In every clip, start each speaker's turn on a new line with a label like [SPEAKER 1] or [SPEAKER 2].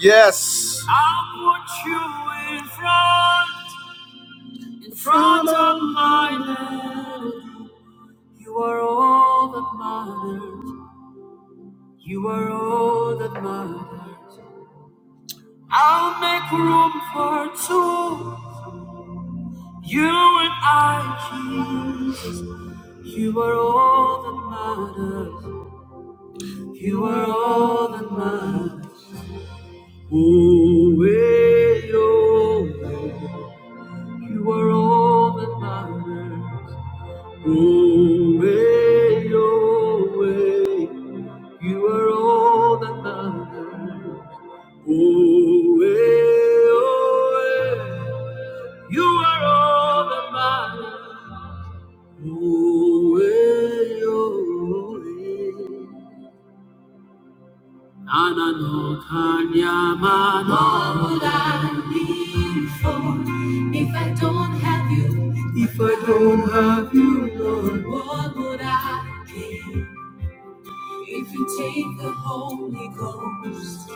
[SPEAKER 1] Yes. I'll put you in front, in front of my land. You are all that matters. You are all that matters. I'll make room for two. You and I, Jesus. You are all that matters. You are all that matters. Away, oh, you are all that matters. Away, oh, you are all that matters. Away, oh, you are all that matters. Away, oh. Anano Kanyama What would I live for if I don't have you? If I don't have you, Lord, what would I be if you take the Holy Ghost?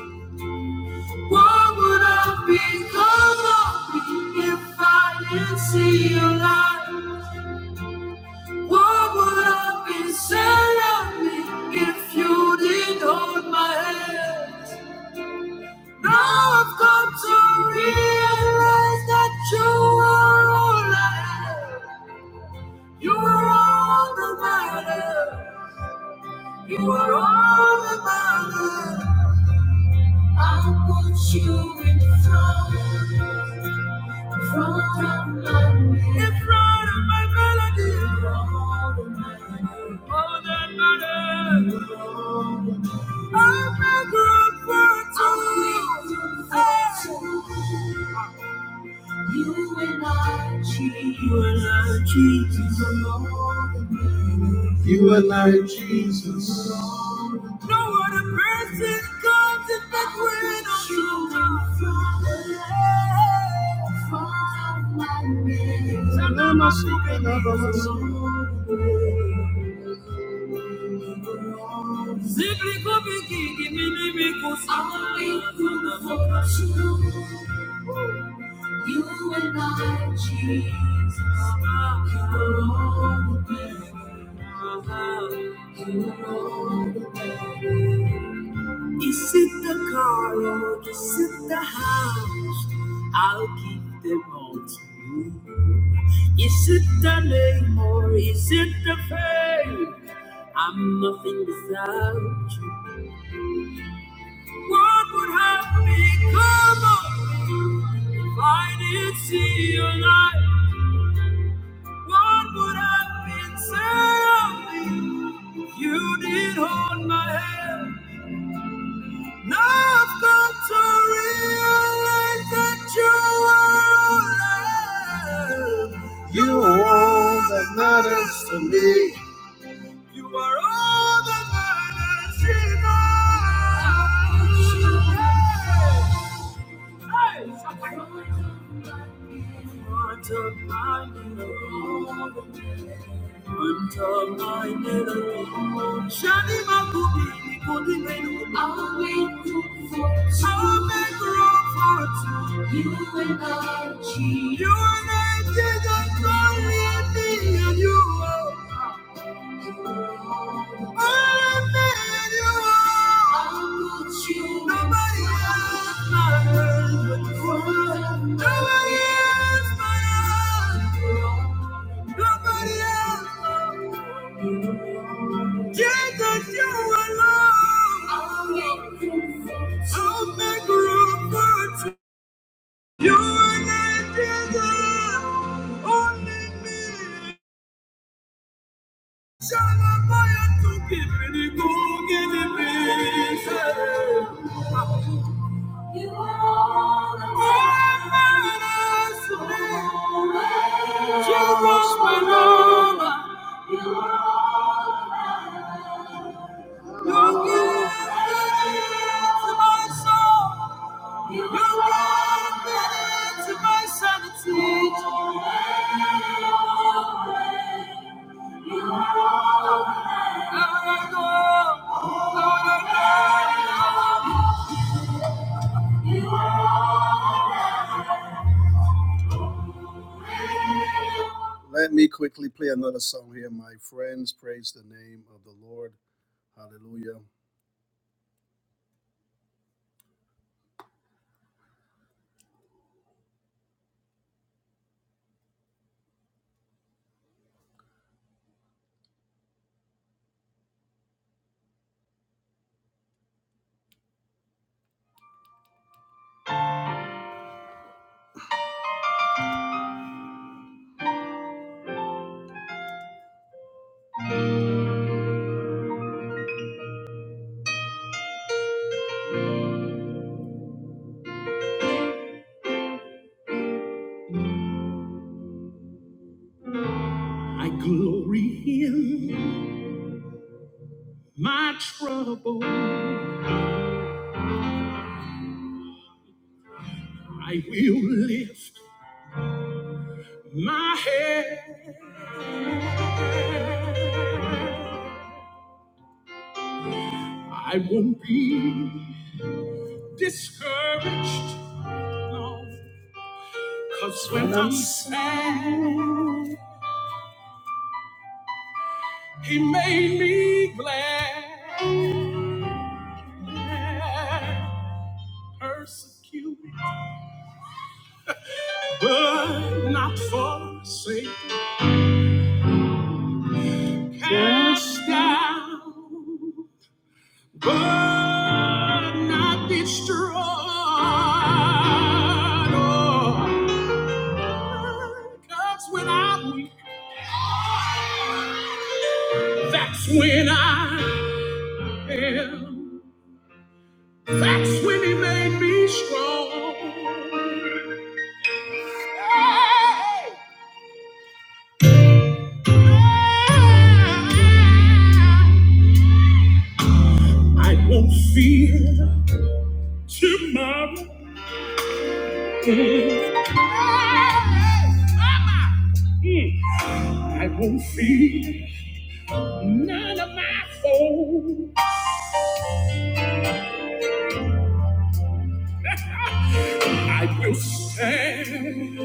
[SPEAKER 1] What would I become of me if I didn't see your light? What would I be said of me if you didn't hold my hand? Now I've come to realize that you are all I have. You are all that matter. You are all that matter. I put you in front, in front of my name, in front of my melody. You are All that matters. I beg your pardon. You and I, Jesus. You and I, Jesus alone. You and I, Jesus. No other person comes in the green of you. From Simply go begin, me I'll be You and I, Jesus. You alone. Is it the car or is it the house? I'll give them all to you. Is it the name or is it the fame? I'm nothing without you. What would have become of me if I didn't see your light? What would have been said of me if you did not hold my hand? Now I've come to realize that you are alive. You you are all that matters to me. You are all that matters in life. Hey, I'll wait room for two. I'll for two. You and I, You and I, Jesus, only me and you. are. Nobody else. You and I together, only me. Let me quickly play another song here, my friends. Praise the name of the Lord. Hallelujah. I glory him. my trouble. I will lift my head. I won't be discouraged, no, cause when I'm sad, He made me glad. Persecute, but not forsake. Cast down. but not destroyed. Oh, Cause when I'm weak, that's when I am. That's when he made me strong. Hey! hey, I won't fear tomorrow. Hey! hey, Mama! Mm. I won't fear. I will stand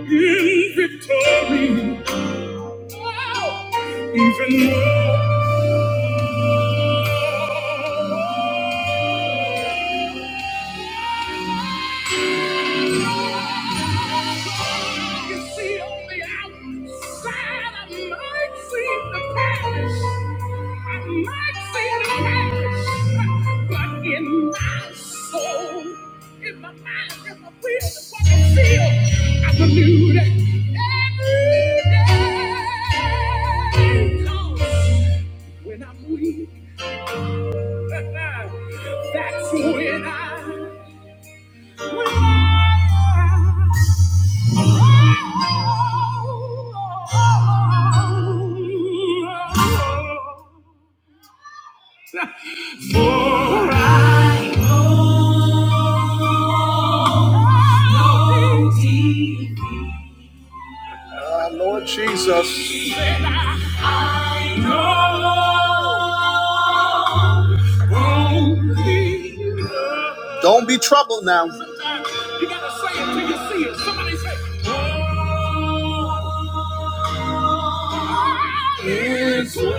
[SPEAKER 1] in victory. No outside, I might see the palace. I might see the palace. But in my soul, in my mind, in my will, in what I feel, I believe that every day counts. When I'm weak, that's when I For I know thee. Ah, Lord Jesus. I know only love. Don't be troubled now. You gotta say it till you see it. Somebody say, "Oh, It's well, it's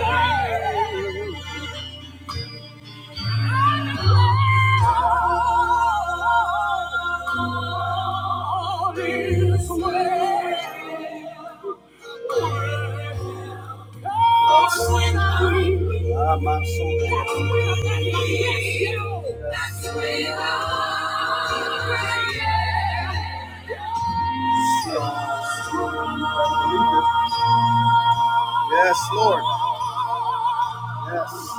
[SPEAKER 1] Ah, my soul. That's where I am. Yes, Lord. Yes.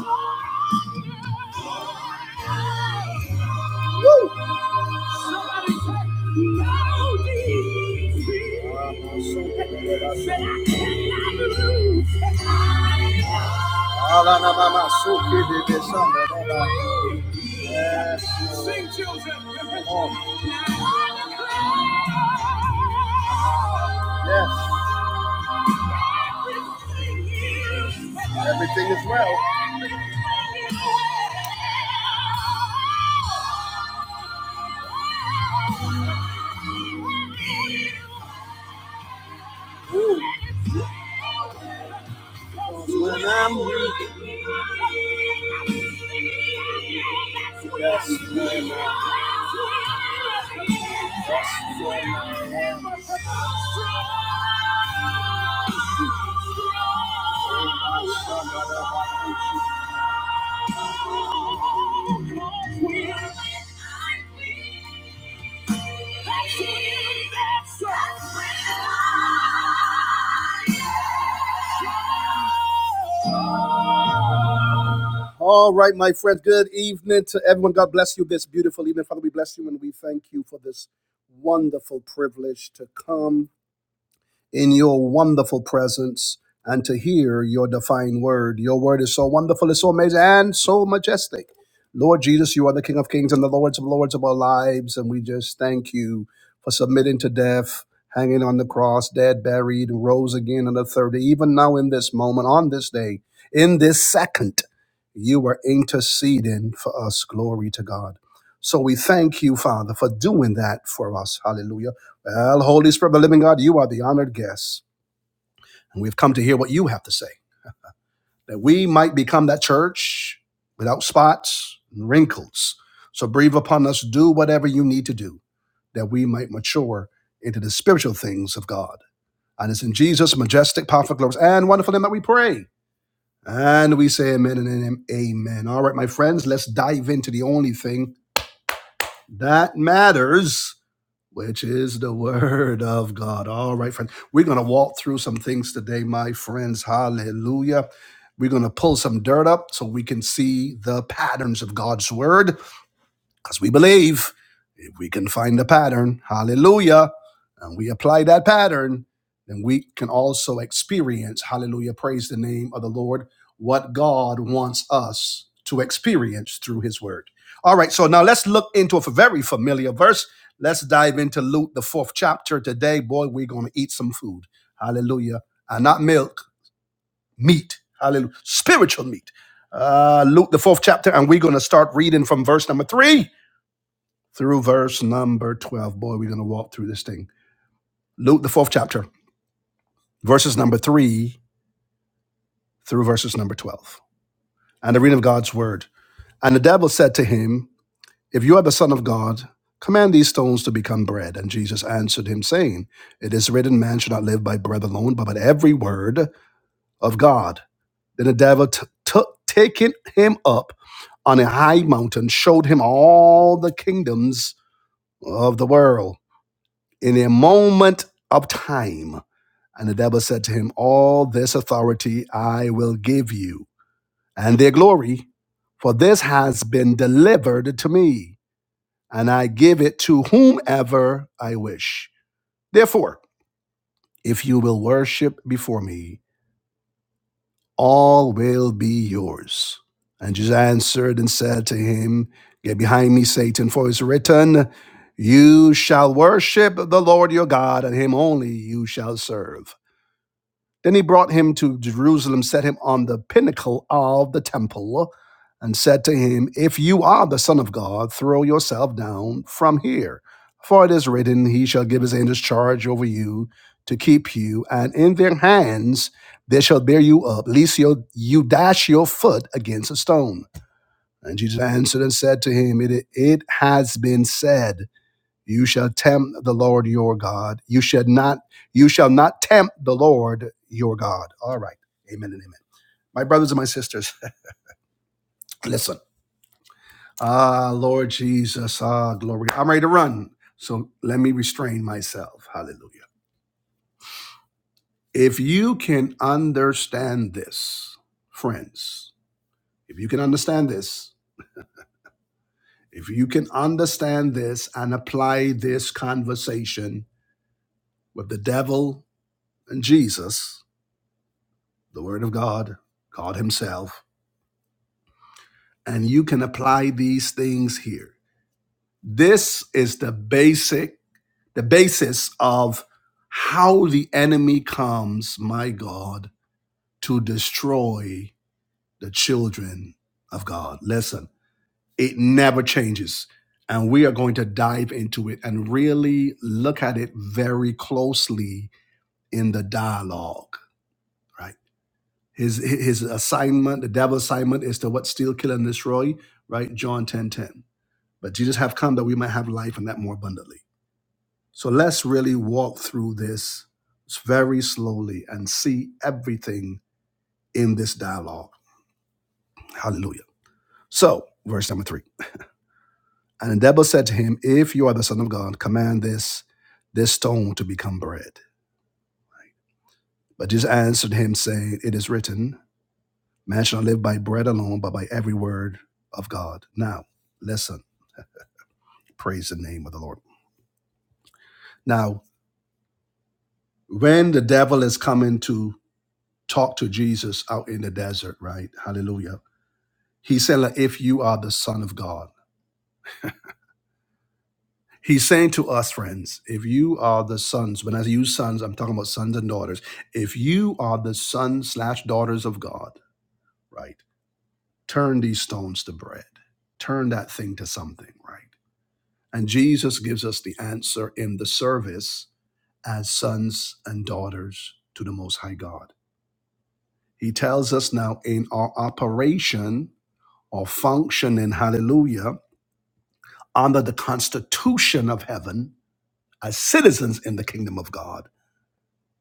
[SPEAKER 1] Woo! Somebody said, no I cannot lose. Ala na so Yes, Sing, children. Come Yes. Everything is well. When I'm weak, that's when I, that's when I am strong. All right, my friends. Good evening to everyone. God bless you this beautiful evening. Father, we bless you and we thank you for this wonderful privilege to come in your wonderful presence and to hear your divine word. Your word is so wonderful, it's so amazing, and so majestic. Lord Jesus, you are the King of Kings and the Lords of Lords of our lives, and we just thank you for submitting to death, hanging on the cross, dead, buried, and rose again on the third day. Even now, in this moment, on this day, in this second, you are interceding for us. Glory to God. So we thank you, Father, for doing that for us. Hallelujah. Well, Holy Spirit of the living God, you are the honored guest. And we've come to hear what you have to say, that we might become that church without spots and wrinkles. So breathe upon us, do whatever you need to do, that we might mature into the spiritual things of God. And it's in Jesus' majestic, powerful, glorious, and wonderful name that we pray. And we say amen and amen. All right, my friends, let's dive into the only thing that matters which is the word of God. All right, friends. We're going to walk through some things today, my friends. Hallelujah. We're going to pull some dirt up so we can see the patterns of God's word. Because we believe if we can find a pattern, hallelujah, and we apply that pattern, then we can also experience, hallelujah, praise the name of the Lord, what God wants us to experience through his word. All right, so now let's look into a very familiar verse. Let's dive into Luke, the fourth chapter today. Boy, we're going to eat some food. Hallelujah. And not milk, meat. Hallelujah. Spiritual meat. Uh, Luke, the fourth chapter, and we're going to start reading from verse number three through verse number 12. Boy, we're going to walk through this thing. Luke, the fourth chapter, verses number 3 through verses number 12. And the reading of God's word. And the devil said to him, If you are the Son of God, command these stones to become bread. And Jesus answered him, saying, It is written, man should not live by bread alone, but by every word of God. Then the devil t- took, taking him up on a high mountain, showed him all the kingdoms of the world in a moment of time And the devil said to him, All this authority I will give you, and their glory, for this has been delivered to me, and I give it to whomever I wish. Therefore, if you will worship before me, all will be yours. And Jesus answered and said to him, Get behind me, Satan, for it is written, You shall worship the Lord your God, and him only you shall serve. Then he brought him to Jerusalem, set him on the pinnacle of the temple, and said to him, If you are the Son of God, throw yourself down from here. For it is written, He shall give his angels charge over you to keep you, and in their hands they shall bear you up, lest you, you dash your foot against a stone. And Jesus answered and said to him, It, it has been said. You shall tempt the Lord your God. You shall not, you shall not tempt the Lord your God. All right. Amen and amen. My brothers and my sisters, listen. Ah, Lord Jesus, ah, glory. I'm ready to run. So let me restrain myself. Hallelujah. If you can understand this, friends, if you can understand this, if you can understand this and apply this conversation with the devil and Jesus, the Word of God, God Himself, and you can apply these things here. This is the basic, the basis of how the enemy comes, my God, to destroy the children of God. Listen, it never changes. And we are going to dive into it and really look at it very closely in the dialogue, right? His his assignment, the devil's assignment, is to what steal, kill, and destroy. Right, John ten ten. But Jesus have come that we might have life and that more abundantly. So let's really walk through this very slowly and see everything in this dialogue. Hallelujah. So verse number three. And the devil said to him, If you are the son of God, command this this stone to become bread. But Jesus answered him, saying, It is written, Man shall not live by bread alone, but by every word of God. Now listen. Praise the name of the Lord. Now, when the devil is coming to talk to Jesus out in the desert, right? Hallelujah. He said, like, if you are the son of God. He's saying to us, friends, if you are the sons, when I use sons, I'm talking about sons and daughters. If you are the sons slash daughters of God, right, turn these stones to bread. Turn that thing to something, right? And Jesus gives us the answer in the service as sons and daughters to the Most High God. He tells us now in our operation or function in hallelujah under the constitution of heaven as citizens in the kingdom of God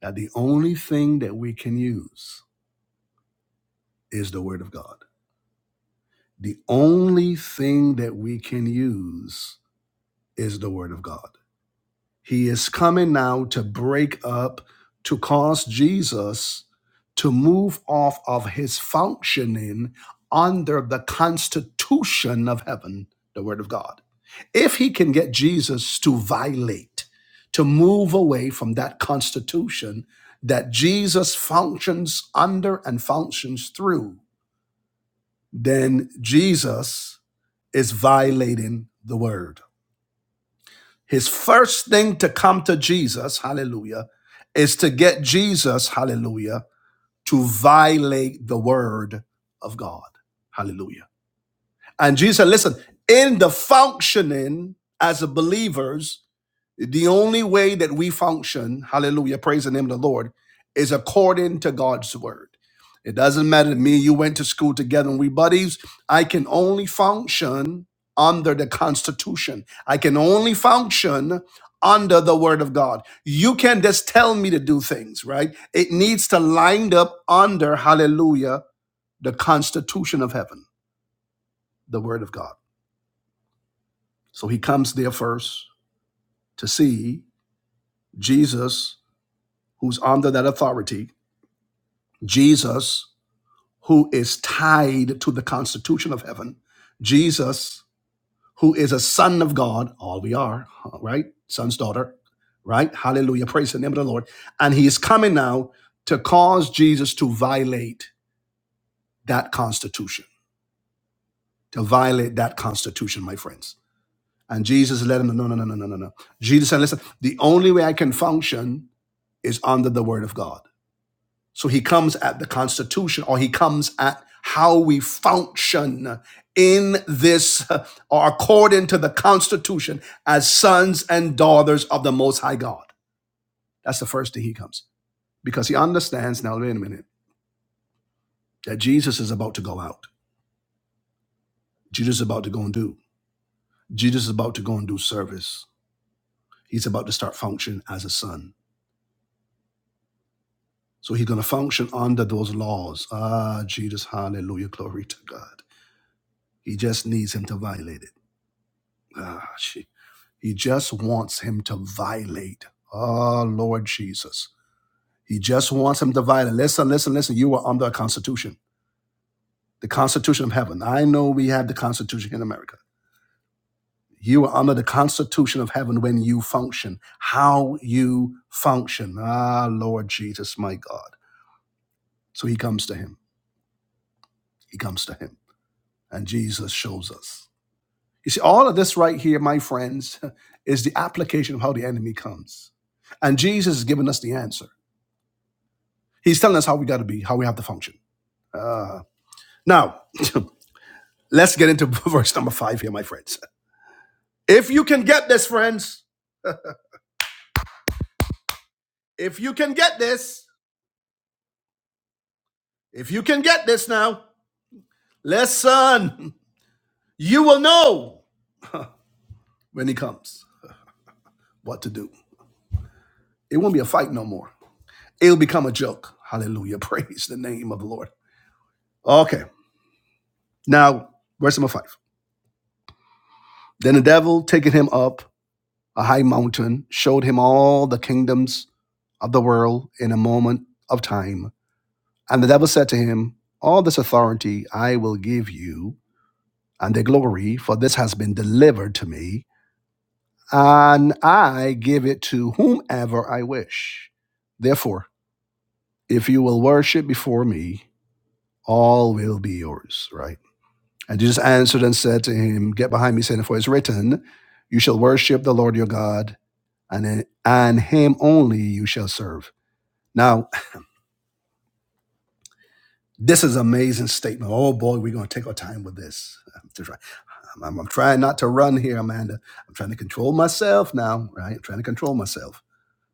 [SPEAKER 1] that the only thing that we can use is the word of God. The only thing that we can use is the word of God. He is coming now to break up, to cause Jesus to move off of his functioning under the constitution of heaven, the Word of God. If he can get Jesus to violate, to move away from that constitution that Jesus functions under and functions through, then Jesus is violating the Word. His first thing to come to Jesus, hallelujah, is to get Jesus, hallelujah, to violate the word of God, hallelujah. And Jesus, listen, in the functioning as a believers the only way that we function, hallelujah, praise the name of the Lord, is according to God's word. It doesn't matter to me, you went to school together and we buddies. I can only function under the Constitution. I can only function under the word of God. You can not just tell me to do things, right? It needs to line up under, hallelujah, the Constitution of heaven, the word of God. So he comes there first to see Jesus, who's under that authority, Jesus, who is tied to the constitution of heaven, Jesus, who is a son of God, all we are, huh, right? Son's daughter, right? Hallelujah. Praise the name of the Lord. And he is coming now to cause Jesus to violate that constitution, to violate that constitution, my friends. And Jesus let him know, no, no, no, no, no, no. Jesus said, listen, the only way I can function is under the word of God. So he comes at the Constitution or he comes at how we function in this uh, or according to the Constitution as sons and daughters of the Most High God. That's the first thing he comes because he understands now, wait a minute, that Jesus is about to go out. Jesus is about to go and do. Jesus is about to go and do service. He's about to start functioning as a son. So he's going to function under those laws. Ah, Jesus, hallelujah, glory to God. He just needs him to violate it. Ah, she, he just wants him to violate. Oh, Lord Jesus. He just wants him to violate. Listen, listen, listen. You are under a constitution, the constitution of heaven. I know we have the constitution in America. You are under the constitution of heaven when you function, how you function. Ah, Lord Jesus, my God. So he comes to him. He comes to him. And Jesus shows us. You see, all of this right here, my friends, is the application of how the enemy comes. And Jesus has given us the answer. He's telling us how we got to be, how we have to function. Uh, now, let's get into verse number five here, my friends. If you can get this, friends, if you can get this, if you can get this now, listen, you will know when he comes what to do. It won't be a fight no more. It'll become a joke. Hallelujah. Praise the name of the Lord. Okay. Now, verse number five. Then the devil taking him up. a high mountain, showed him all the kingdoms of the world in a moment of time. And the devil said to him, All this authority I will give you and the glory, for this has been delivered to me, and I give it to whomever I wish. Therefore, if you will worship before me, all will be yours, right? And Jesus answered and said to him, Get behind me, Satan, for it's written, You shall worship the Lord your God, and, and him only you shall serve. Now, this is an amazing statement. Oh boy, we're going to take our time with this. I'm, just I'm- I'm- I'm trying not to run here, Amanda. I'm trying to control myself now, right? I'm trying to control myself.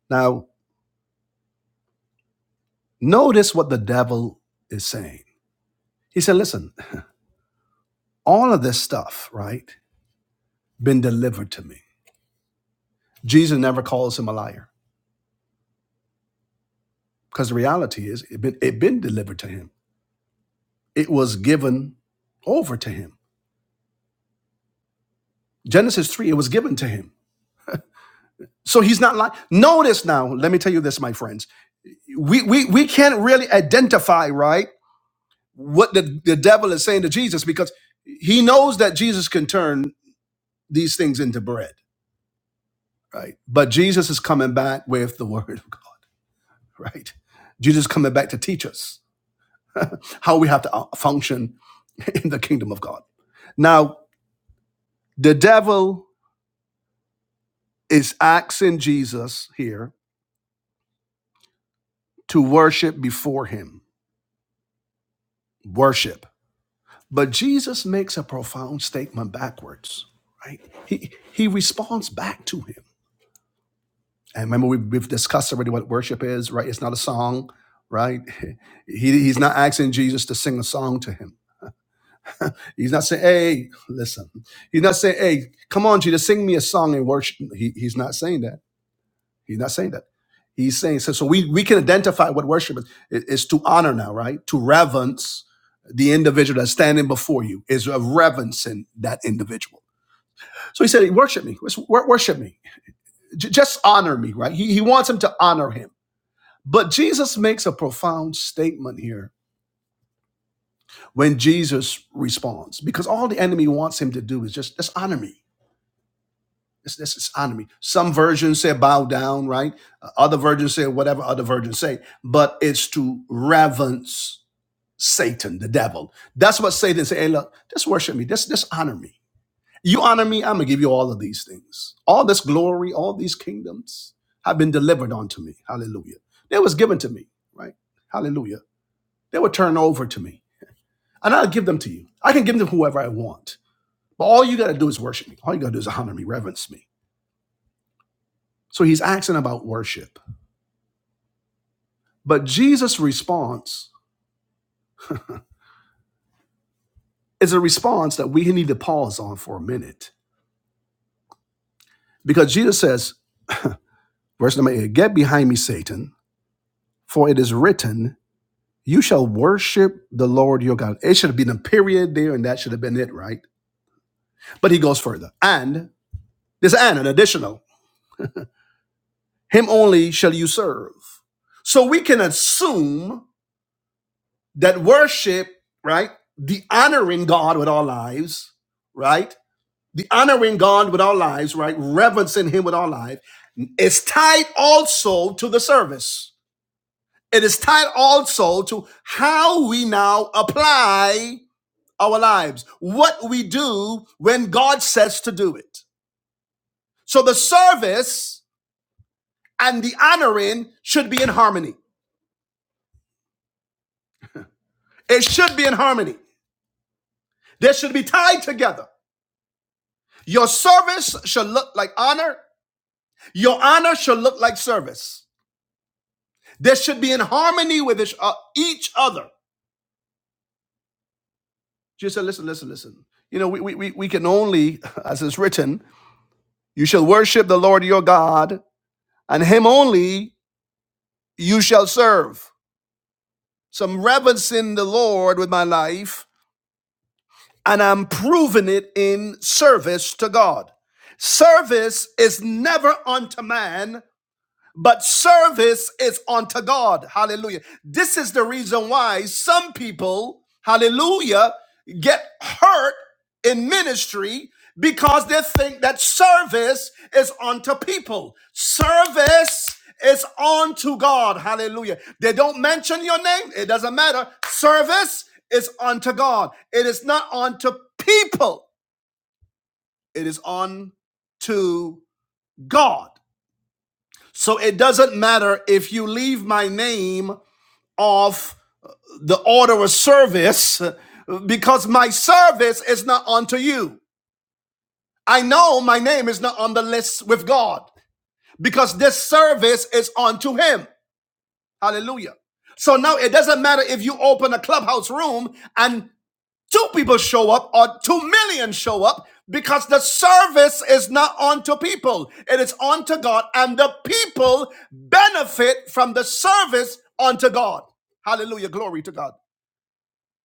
[SPEAKER 1] Now, notice what the devil is saying. He said, listen, all of this stuff, right, been delivered to me. Jesus never calls him a liar because the reality is it been, it been delivered to him. It was given over to him. Genesis 3, it was given to him. So he's not lying. Notice now, let me tell you this, my friends. we we we can't really identify right what the, the devil is saying to Jesus because he knows that Jesus can turn these things into bread, right? But Jesus is coming back with the word of God, right? Jesus is coming back to teach us how we have to uh, function in the kingdom of God. Now, the devil is asking Jesus here to worship before him. Worship. But Jesus makes a profound statement backwards, right? He he responds back to him. And remember, we've, we've discussed already what worship is, right? It's not a song, right? He, he's not asking Jesus to sing a song to him. He's not saying, hey, listen. He's not saying, hey, come on, Jesus, sing me a song and worship. He, he's not saying that. He's not saying that. He's saying, so, so we, we can identify what worship is. It- It's to honor now, right? To reverence the individual that's standing before you, is a reverencing that individual So he said, Worship me, worship me, J- just honor me, right? He, he wants him to honor him. But Jesus makes a profound statement here when Jesus responds, because all the enemy wants him to do is just, just honor me. this this just honor me. Some versions say bow down, right? Uh, Other versions say whatever other versions say, but it's to reverence Satan, the devil. That's what Satan say. Hey, look, just worship me, just, just honor me. You honor me, I'm going to give you all of these things. All this glory, all these kingdoms have been delivered unto me. Hallelujah. They was given to me, right? Hallelujah. They were turned over to me. And I'll give them to you. I can give them to whoever I want. But all you got to do is worship me. All you got to do is honor me, reverence me. So he's asking about worship. But Jesus' response is a response that we need to pause on for a minute. Because Jesus says, verse number eight, get behind me, Satan, for it is written, You shall worship the Lord your God. It should have been a period there, and that should have been it, right? But he goes further. And this and an additional, him only shall you serve. So we can assume that worship, right? The honoring God with our lives, right? The honoring God with our lives, right? Reverencing him with our life is tied also to the service. It is tied also to how we now apply our lives, what we do when God says to do it. So the service and the honoring should be in harmony. It should be in harmony. They should be tied together. Your service should look like honor. Your honor should look like service. They should be in harmony with each uh, other. Jesus said, listen, listen, listen. You know, we, we, we we can only, as it's written, you shall worship the Lord your God, and him only you shall serve. some reverence in the Lord with my life, and I'm proving it in service to God. Service is never unto man but service is unto God. Hallelujah. This is the reason why some people, hallelujah, get hurt in ministry because they think that service is unto people. Service is unto God. Hallelujah. They don't mention your name, it doesn't matter. Service is unto God. It is not unto people, it is unto God. So it doesn't matter if you leave my name off the order of service because my service is not unto you. I know my name is not on the list with God because this service is unto Him. Hallelujah. So now it doesn't matter if you open a clubhouse room and. two people show up or two million show up because the service is not onto people it is onto god and the people benefit from the service unto god hallelujah glory to god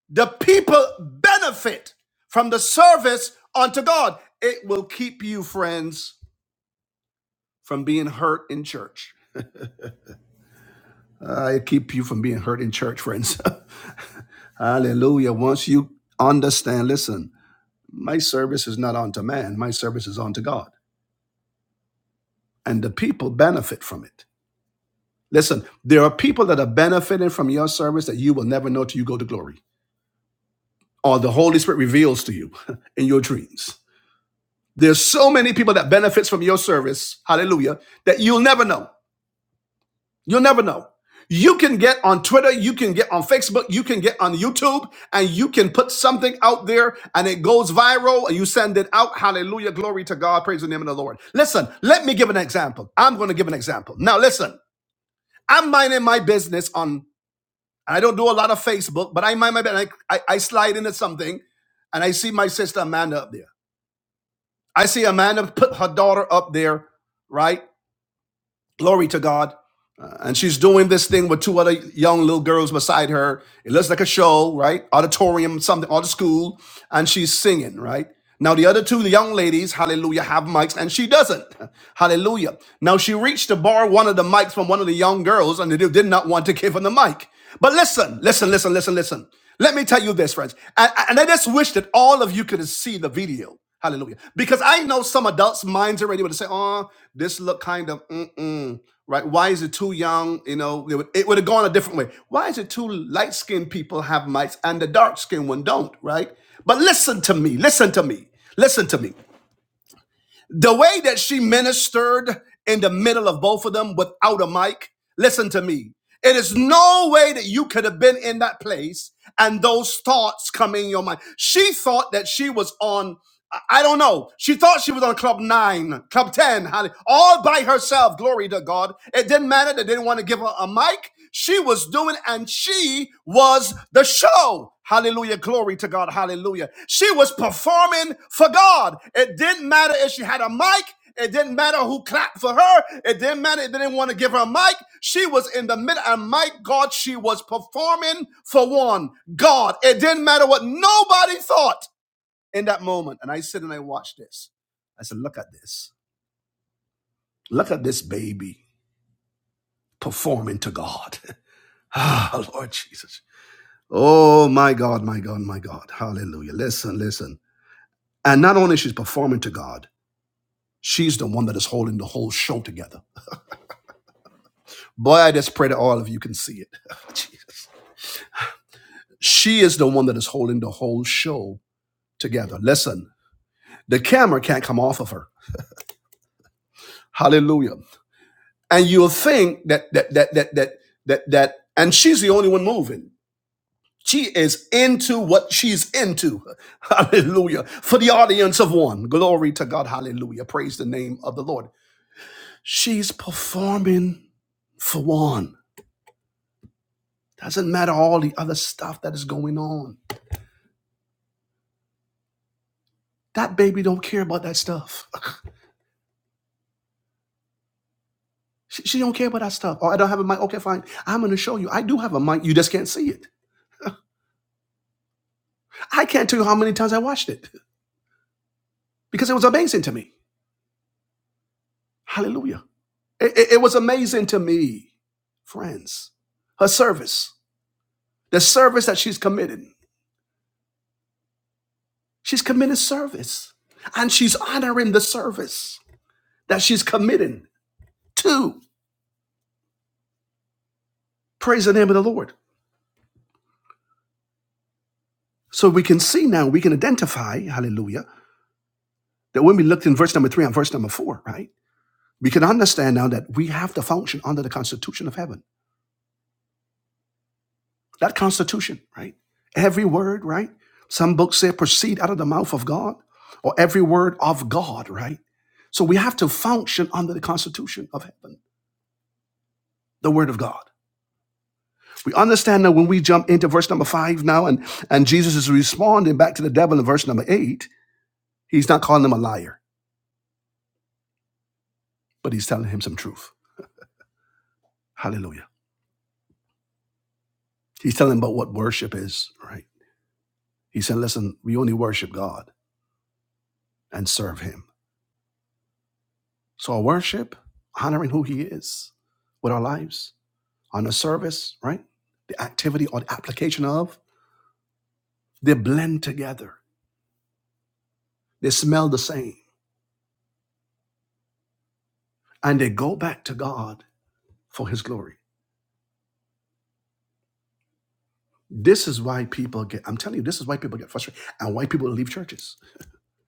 [SPEAKER 1] the people benefit from the service unto god it will keep you friends from being hurt in church uh, it keep you from being hurt in church friends hallelujah once you understand listen my service is not unto man my service is unto god and the people benefit from it. Listen, there are people that are benefiting from your service that you will never know till you go to glory or the Holy Spirit reveals to you in your dreams. There's so many people that benefits from your service, hallelujah, that you'll never know. You'll never know. You can get on Twitter, you can get on Facebook, you can get on YouTube, and you can put something out there and it goes viral and you send it out. Hallelujah. Glory to God. Praise the name of the Lord. Listen, let me give an example. I'm going to give an example. Now, listen. I'm minding my business on, and I don't do a lot of Facebook, but I mind my business. I, I, I slide into something and I see my sister Amanda up there. I see Amanda put her daughter up there, right? Glory to God. Uh, And she's doing this thing with two other young little girls beside her. It looks like a show, right? Auditorium, something, or the school. And she's singing, right? Now, the other two young ladies, hallelujah, have mics and she doesn't. Hallelujah. Now, she reached to borrow one of the mics from one of the young girls and they did not want to give her the mic. But listen, listen, listen, listen, listen. Let me tell you this, friends. And, and I just wish that all of you could see the video. Hallelujah. Because I know some adults' minds are ready to say, oh, this look kind of, mm-mm, right? Why is it too young? You know, it would, it would have gone a different way. Why is it too light-skinned people have mites and the dark-skinned one don't, right? But listen to me. Listen to me. Listen to me. The way that she ministered in the middle of both of them without a mic, listen to me. It is no way that you could have been in that place and those thoughts come in your mind. She thought that she was on, I I don't know, she thought she was on Club 9, Club 10, hallelujah, all by herself. Glory to God. It didn't matter. They didn't want to give her a mic she was doing, and she was the show. Hallelujah. Glory to God. Hallelujah. She was performing for God. It didn't matter if she had a mic. It didn't matter who clapped for her. It didn't matter. if They didn't want to give her a mic. She was in the middle, and my God, she was performing for one God. It didn't matter what nobody thought in that moment. And I sit and I watch this. I said, Look at this. Look at this baby performing to God. Ah, Lord Jesus. Oh my God, my God, my God. Hallelujah. Listen, listen. And not only she's performing to God, she's the one that is holding the whole show together. Boy, I just pray that all of you can see it. Jesus. She is the one that is holding the whole show together. Listen, the camera can't come off of her. Hallelujah. And you'll think that that that that that that that and she's the only one moving. She is into what she's into. Hallelujah. For the audience of one. Glory to God. Hallelujah. Praise the name of the Lord. She's performing for one. Doesn't matter all the other stuff that is going on. That baby don't care about that stuff. She, she don't care about that stuff. Oh, I don't have a mic. Okay, fine. I'm gonna show you. I do have a mic. You just can't see it. I can't tell you how many times I watched it because it was amazing to me. Hallelujah. It, it, it was amazing to me, friends. Her service, the service that she's committing. She's committing service, and she's honoring the service that she's committing to. Praise the name of the Lord. So we can see now, we can identify, hallelujah, that when we looked in verse number three and verse number four, right? We can understand now that we have to function under the constitution of heaven. That constitution, right? Every word, right? Some books say proceed out of the mouth of God, or every word of God, right? So we have to function under the constitution of heaven, the word of God. We understand that when we jump into verse number five now, and, and Jesus is responding back to the devil in verse number eight, he's not calling him a liar. but he's telling him some truth. Hallelujah. He's telling him about what worship is, right? He said, listen, we only worship God and serve him. So our worship, honoring who he is with our lives, on the service, right? The activity or the application of, they blend together. They smell the same and they go back to God for his glory. This is why people get, I'm telling you, this is why people get frustrated and why people leave churches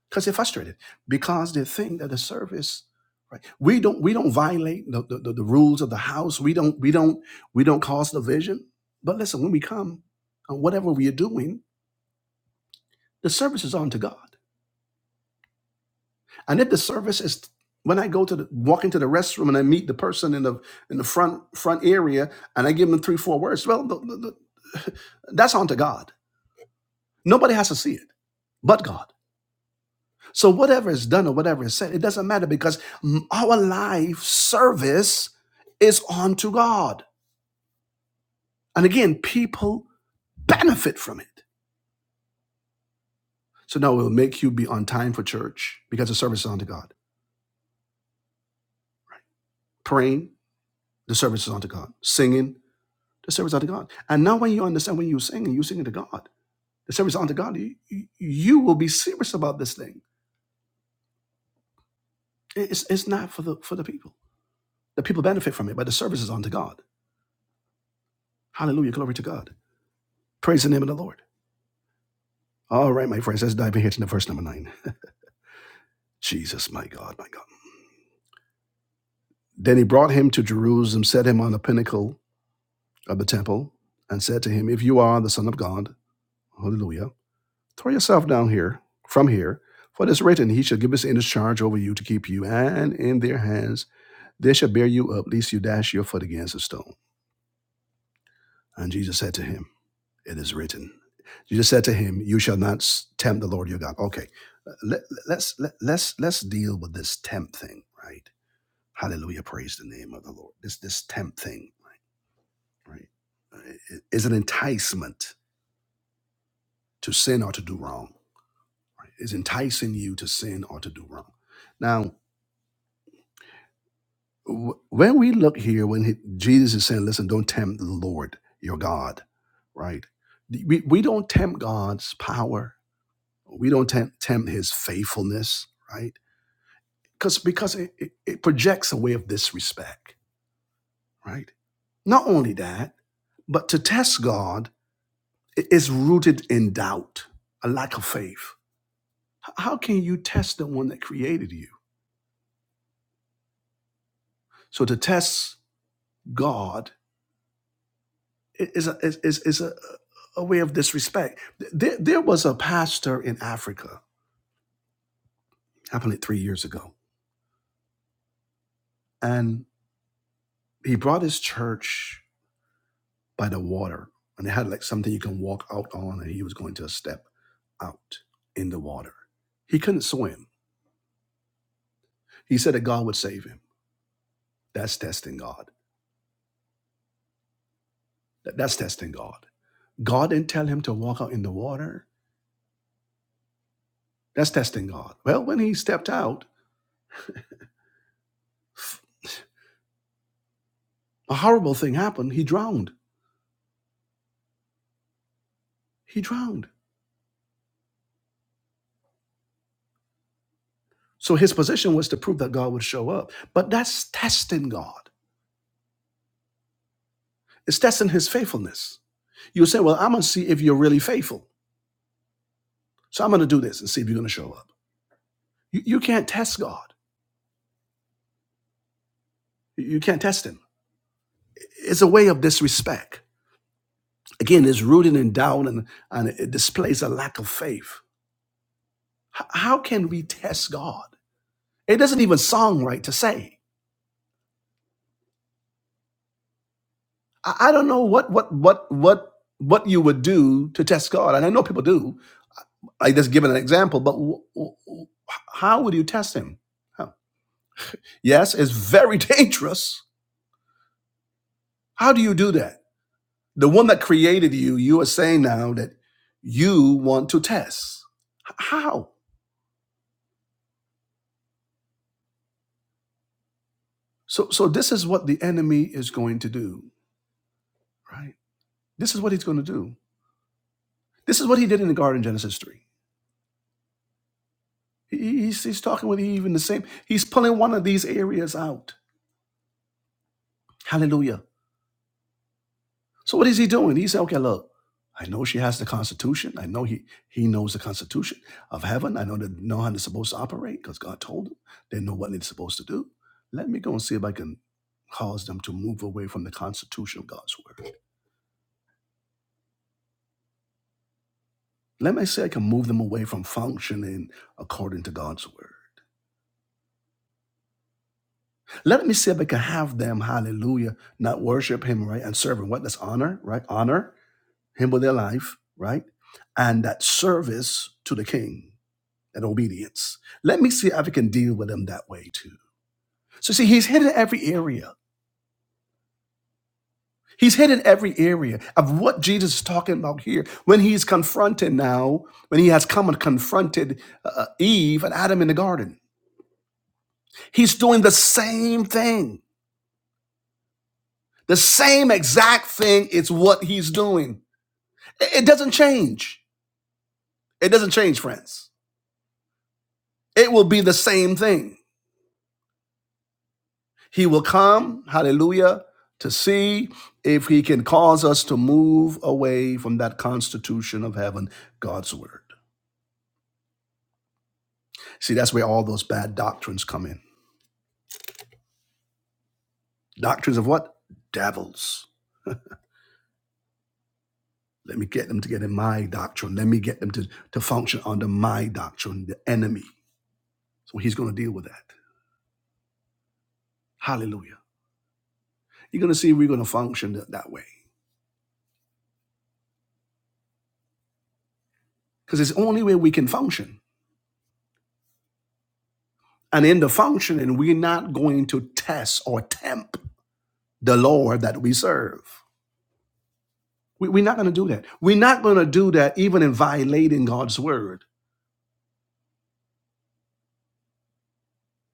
[SPEAKER 1] because they're frustrated because they think that the service right we don't we don't violate the, the, the, the rules of the house we don't we don't we don't cause division but listen when we come on whatever we are doing the service is unto god and if the service is when i go to the, walk into the restroom and i meet the person in the in the front front area and i give them three four words well the, the, the, that's unto god nobody has to see it but god So whatever is done or whatever is said, it doesn't matter because m- our life service is unto God. And again, people benefit from it. So now we'll make you be on time for church because the service is unto God. Praying, the service is unto God. Singing, the service is unto God. And now when you understand when you sing and you sing to God, the service is unto God, you, you you will be serious about this thing. It's, it's not for the for the people. The people benefit from it, but the service is unto God. Hallelujah. Glory to God. Praise the name of the Lord. All right, my friends, let's dive in here to the verse number nine. Jesus, my God, my God. Then he brought him to Jerusalem, set him on the pinnacle of the temple, and said to him, If you are the Son of God, hallelujah, throw yourself down here, from here, for it is written, He shall give his angels charge over you to keep you, and in their hands they shall bear you up, lest you dash your foot against a stone. And Jesus said to him, It is written. Jesus said to him, You shall not s- tempt the Lord your God. Okay, let, let's let, let's let's deal with this tempt thing, right? Hallelujah. Praise the name of the Lord. This this tempt thing, right, is an enticement to sin or to do wrong. Right? It's enticing you to sin or to do wrong. Now, wh- when we look here, when he, Jesus is saying, listen, don't tempt the Lord, your God, right? We, we don't tempt God's power. We don't tempt, tempt his faithfulness, right? Because because it, it, it projects a way of disrespect, right? Not only that, but to test God It's rooted in doubt, a lack of faith. How can you test the one that created you? So to test God is a, is, is a, a way of disrespect. There, there was a pastor in Africa, happened like three years ago, and he brought his church by the water, and they had like something you can walk out on, and he was going to step out in the water. He couldn't swim. He said that God would save him. That's testing God. That- That's testing God. God didn't tell him to walk out in the water. That's testing God. Well, when he stepped out, a horrible thing happened. He drowned. He drowned. So his position was to prove that God would show up. But that's testing God. It's testing his faithfulness. You say, Well, I'm going to see if you're really faithful. So I'm going to do this and see if you're going to show up. You, you can't test God. You you can't test him. It's a way of disrespect. Again, it's rooted in doubt and, and it displays a lack of faith. H- how can we test God? It doesn't even sound right to say. I, I don't know what what what what what you would do to test God, and I know people do. I just given an example, but w- w- how would you test Him? How? Yes, it's very dangerous. How do you do that? The one that created you, you are saying now that you want to test. H- How? So, so this is what the enemy is going to do, right? This is what he's going to do. This is what he did in the garden, Genesis three. He- he- He's, he's talking with Eve in the same. He's pulling one of these areas out. Hallelujah So what is he doing? He said, okay, look, I know she has the Constitution. I know he he knows the Constitution of heaven. I know they know how they're supposed to operate because God told them. They know what they're supposed to do. Let me go and see if I can cause them to move away from the Constitution of God's word. Let me see if I can move them away from functioning according to God's word. Let me see if I can have them, hallelujah, not worship him, right? And serve him. What? That's honor, right? Honor him with their life, right? And that service to the king and obedience. Let me see if I can deal with him that way too. So see, he's hit in every area. He's hit in every area of what Jesus is talking about here. When he's confronted now, when he has come and confronted uh, Eve and Adam in the garden, he's doing the same thing. The same exact thing is what he's doing. It it doesn't change. It doesn't change, friends. It will be the same thing. He will come, hallelujah, to see if he can cause us to move away from that constitution of heaven, God's word. See, that's where all those bad doctrines come in. Doctrines of what? Devils. Let me get them to get in my doctrine. Let me get them to, to function under my doctrine, the enemy. So he's going to deal with that. Hallelujah. You're going to see we're going to function that, that way because it's the only way we can function. And in the functioning, we're not going to test or tempt the Lord that we serve. We, we're not going to do that. We're not going to do that even in violating God's word.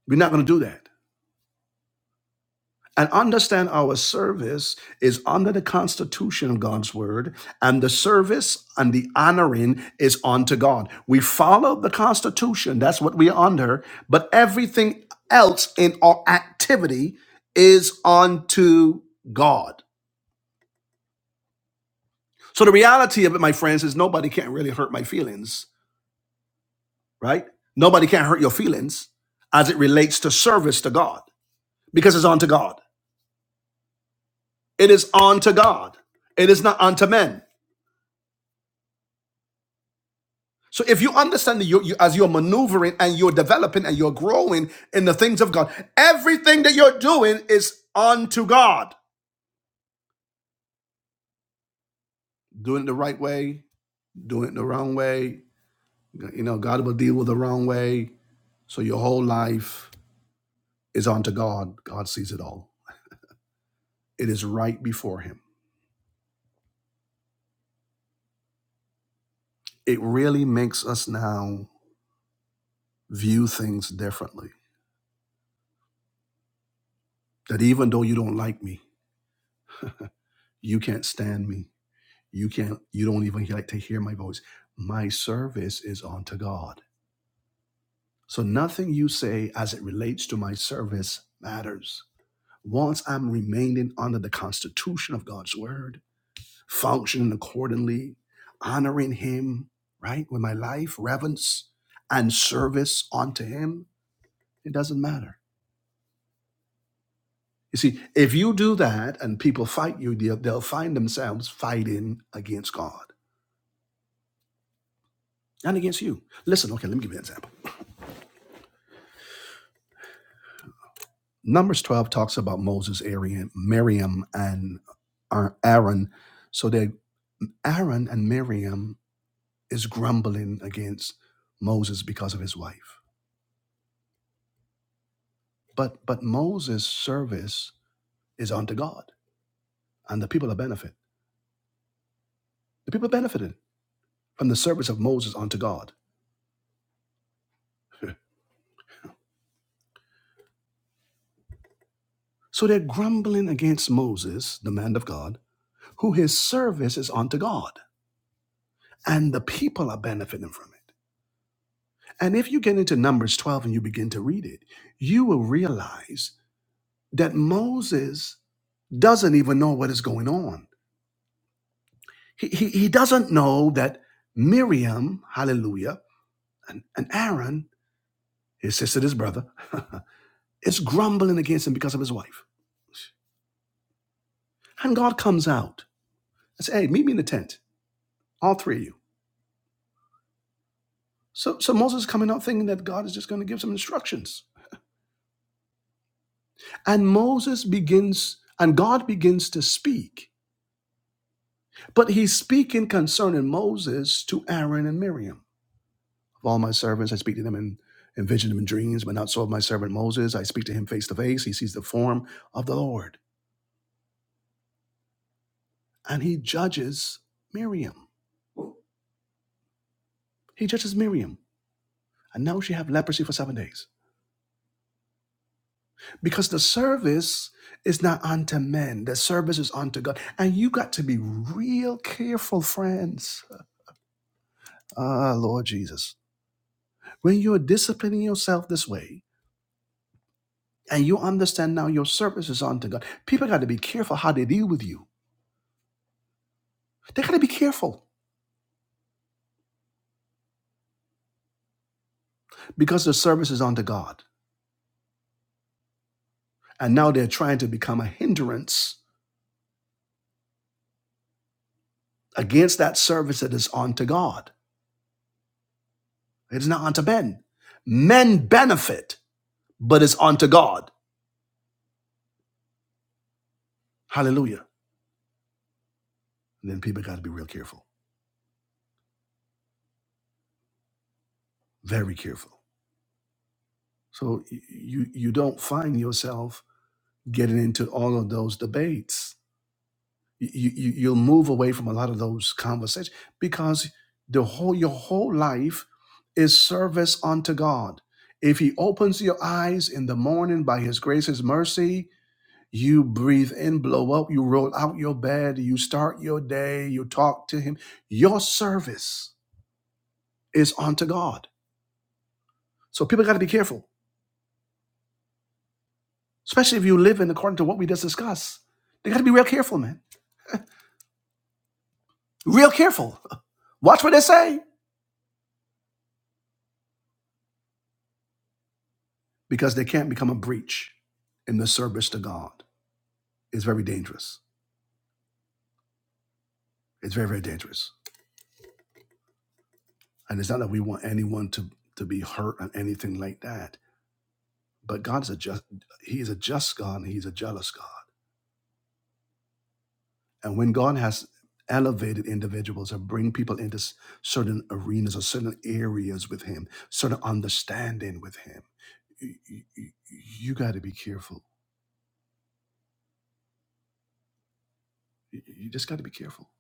[SPEAKER 1] We're not going to do that. And understand our service is under the constitution of God's word, and the service and the honoring is unto God. We follow the constitution, that's what we are under, but everything else in our activity is unto God. So the reality of it, my friends, is nobody can really hurt my feelings right? Nobody can hurt your feelings as it relates to service to God because it's unto God. It is unto God. It is not unto men. So if you understand that you, you as you're maneuvering and you're developing and you're growing in the things of God, everything that you're doing is unto God. Doing it the right way, doing it the wrong way. You know, God will deal with the wrong way. So your whole life is unto God. God sees it all. It is right before Him. It really makes us now view things differently. That even though you don't like me, you can't stand me, you can't, you don't even like to hear my voice. My service is unto God. So nothing you say as it relates to my service matters. Once I'm remaining under the constitution of God's word, functioning accordingly, honoring Him, right, with my life, reverence, and service unto Him, it doesn't matter. You see, if you do that and people fight you, they'll, they'll find themselves fighting against God and against you. Listen, okay, let me give you an example. Numbers 12 talks about Moses, Arian, Miriam, and Aaron. So that Aaron and Miriam is grumbling against Moses because of his wife. But but Moses' service is unto God, and the people are benefit. The people benefited from the service of Moses unto God. so they're grumbling against Moses, the man of God, who his service is unto God, and the people are benefiting from it. And if you get into Numbers 12 and you begin to read it, you will realize that Moses doesn't even know what is going on. He, he, he doesn't know that Miriam, hallelujah, and, and Aaron, his sister, his brother, is grumbling against him because of his wife. And God comes out and says, Hey, meet me in the tent, all three of you. So, so Moses is coming out thinking that God is just going to give some instructions. And Moses begins, and God begins to speak. But he's speaking concerning Moses to Aaron and Miriam. Of all my servants, I speak to them in, in vision and in dreams, but not so of my servant Moses. I speak to him face to face. He sees the form of the Lord. And he judges Miriam. He judges Miriam. And now she have leprosy for seven days. Because the service is not unto men. The service is unto God. And you got to be real careful, friends. Ah, Lord Jesus When you're disciplining yourself this way and you understand now your service is unto God, people got to be careful how they deal with you. They got to be careful because the service is unto God. And now they're trying to become a hindrance against that service that is unto God. It is not unto men. Men benefit, but it's unto God. Hallelujah. And then people got to be real careful, very careful. So y- you, you don't find yourself getting into all of those debates you, you you'll move away from a lot of those conversations because the whole your whole life is service unto God. If He opens your eyes in the morning by His grace, His mercy, you breathe in, blow up, you roll out your bed, you start your day, you talk to Him. Your service is unto God. So people got to be careful, especially if you live in according to what we just discussed. They got to be real careful, man. Real careful. Watch what they say. because they can't become a breach in the service to God. It's very dangerous. It's very, very dangerous. And it's not that we want anyone to, to be hurt or anything like that. But God is a just He is a just God and He's a jealous God. And when God has elevated individuals or bring people into certain arenas or certain areas with Him, certain understanding with Him, you, you, you got to be careful. You you just got to be careful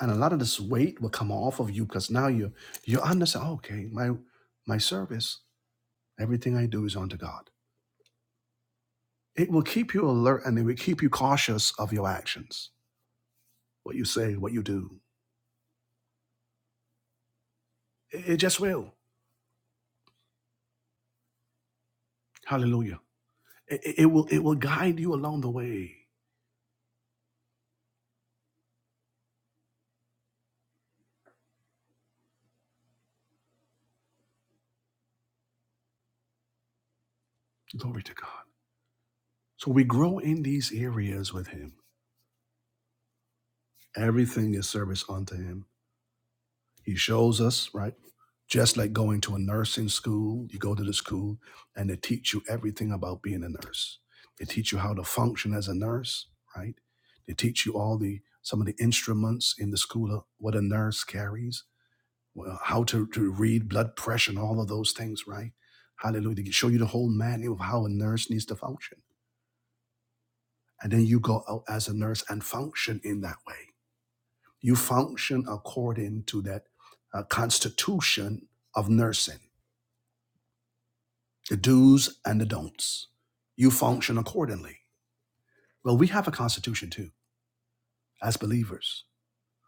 [SPEAKER 1] and a lot of this weight will come off of you because now you you understand oh, okay my my service everything i do is unto god it will keep you alert and it will keep you cautious of your actions what you say what you do it, it just will hallelujah it, it it will it will guide you along the way glory to god so we grow in these areas with him everything is service unto him He shows us, right? Just like going to a nursing school, you go to the school and they teach you everything about being a nurse. They teach you how to function as a nurse, right? They teach you all the some of the instruments in the school, of what a nurse carries, well, how to, to read blood pressure and all of those things, right? Hallelujah. They show you the whole manual of how a nurse needs to function. And then you go out as a nurse and function in that way. You function according to that uh, constitution of nursing, the do's and the don'ts. You function accordingly. Well, we have a constitution too, as believers.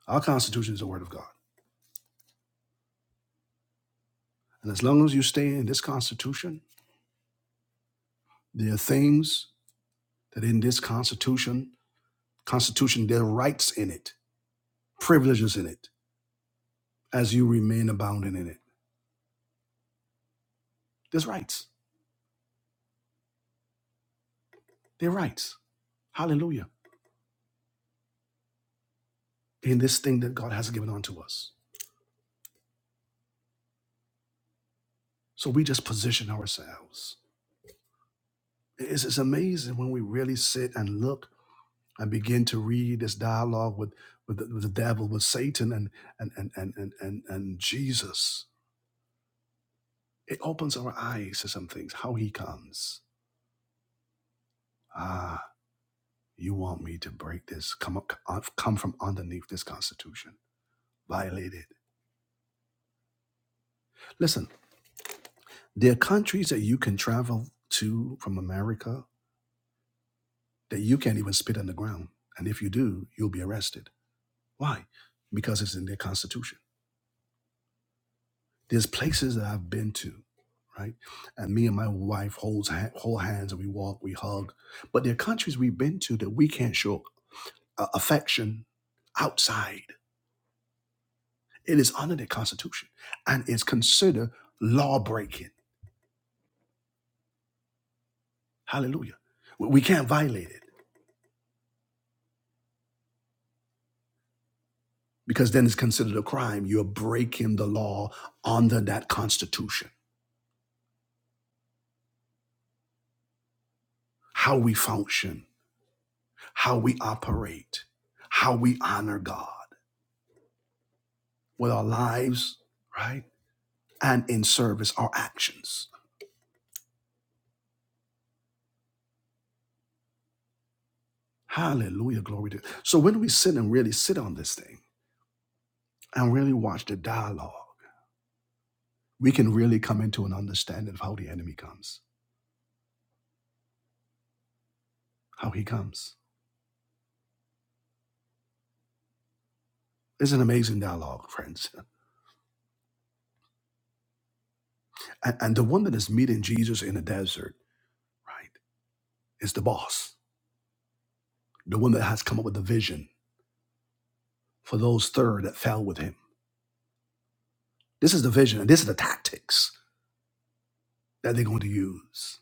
[SPEAKER 1] Our constitution is the Word of God. And as long as you stay in this constitution, there are things that in this constitution, constitution, there are rights in it, privileges in it, as you remain abounding in it. There's rights. There are rights. Hallelujah. In this thing that God has given unto us. So we just position ourselves It's, it's amazing when we really sit and look and begin to read this dialogue with, with, the, with the devil, with Satan and, and, and, and, and, and, and Jesus. It opens our eyes to some things, how he comes. Ah, you want me to break this, come, up, uh, come from underneath this constitution, violate it. Listen, there are countries that you can travel to from America that you can't even spit on the ground. And if you do, you'll be arrested. Why? Because it's in their constitution There's places that I've been to, right? And me and my wife holds ha- hold hands and we walk, we hug. But there are countries we've been to that we can't show uh, affection outside. It is under the Constitution and it's considered law breaking. Hallelujah. We we can't violate it because then it's considered a crime. You're breaking the law under that Constitution. How we function, how we operate, how we honor God with our lives, right? and in service our actions. Hallelujah, glory to. God. So when we sit and really sit on this thing and really watch the dialogue, we can really come into an understanding of how the enemy comes, how he comes. It's an amazing dialogue, friends. And, and the one that is meeting Jesus in the desert, right, is the boss, the one that has come up with the vision for those third that fell with him. This is the vision, and this is the tactics that they're going to use.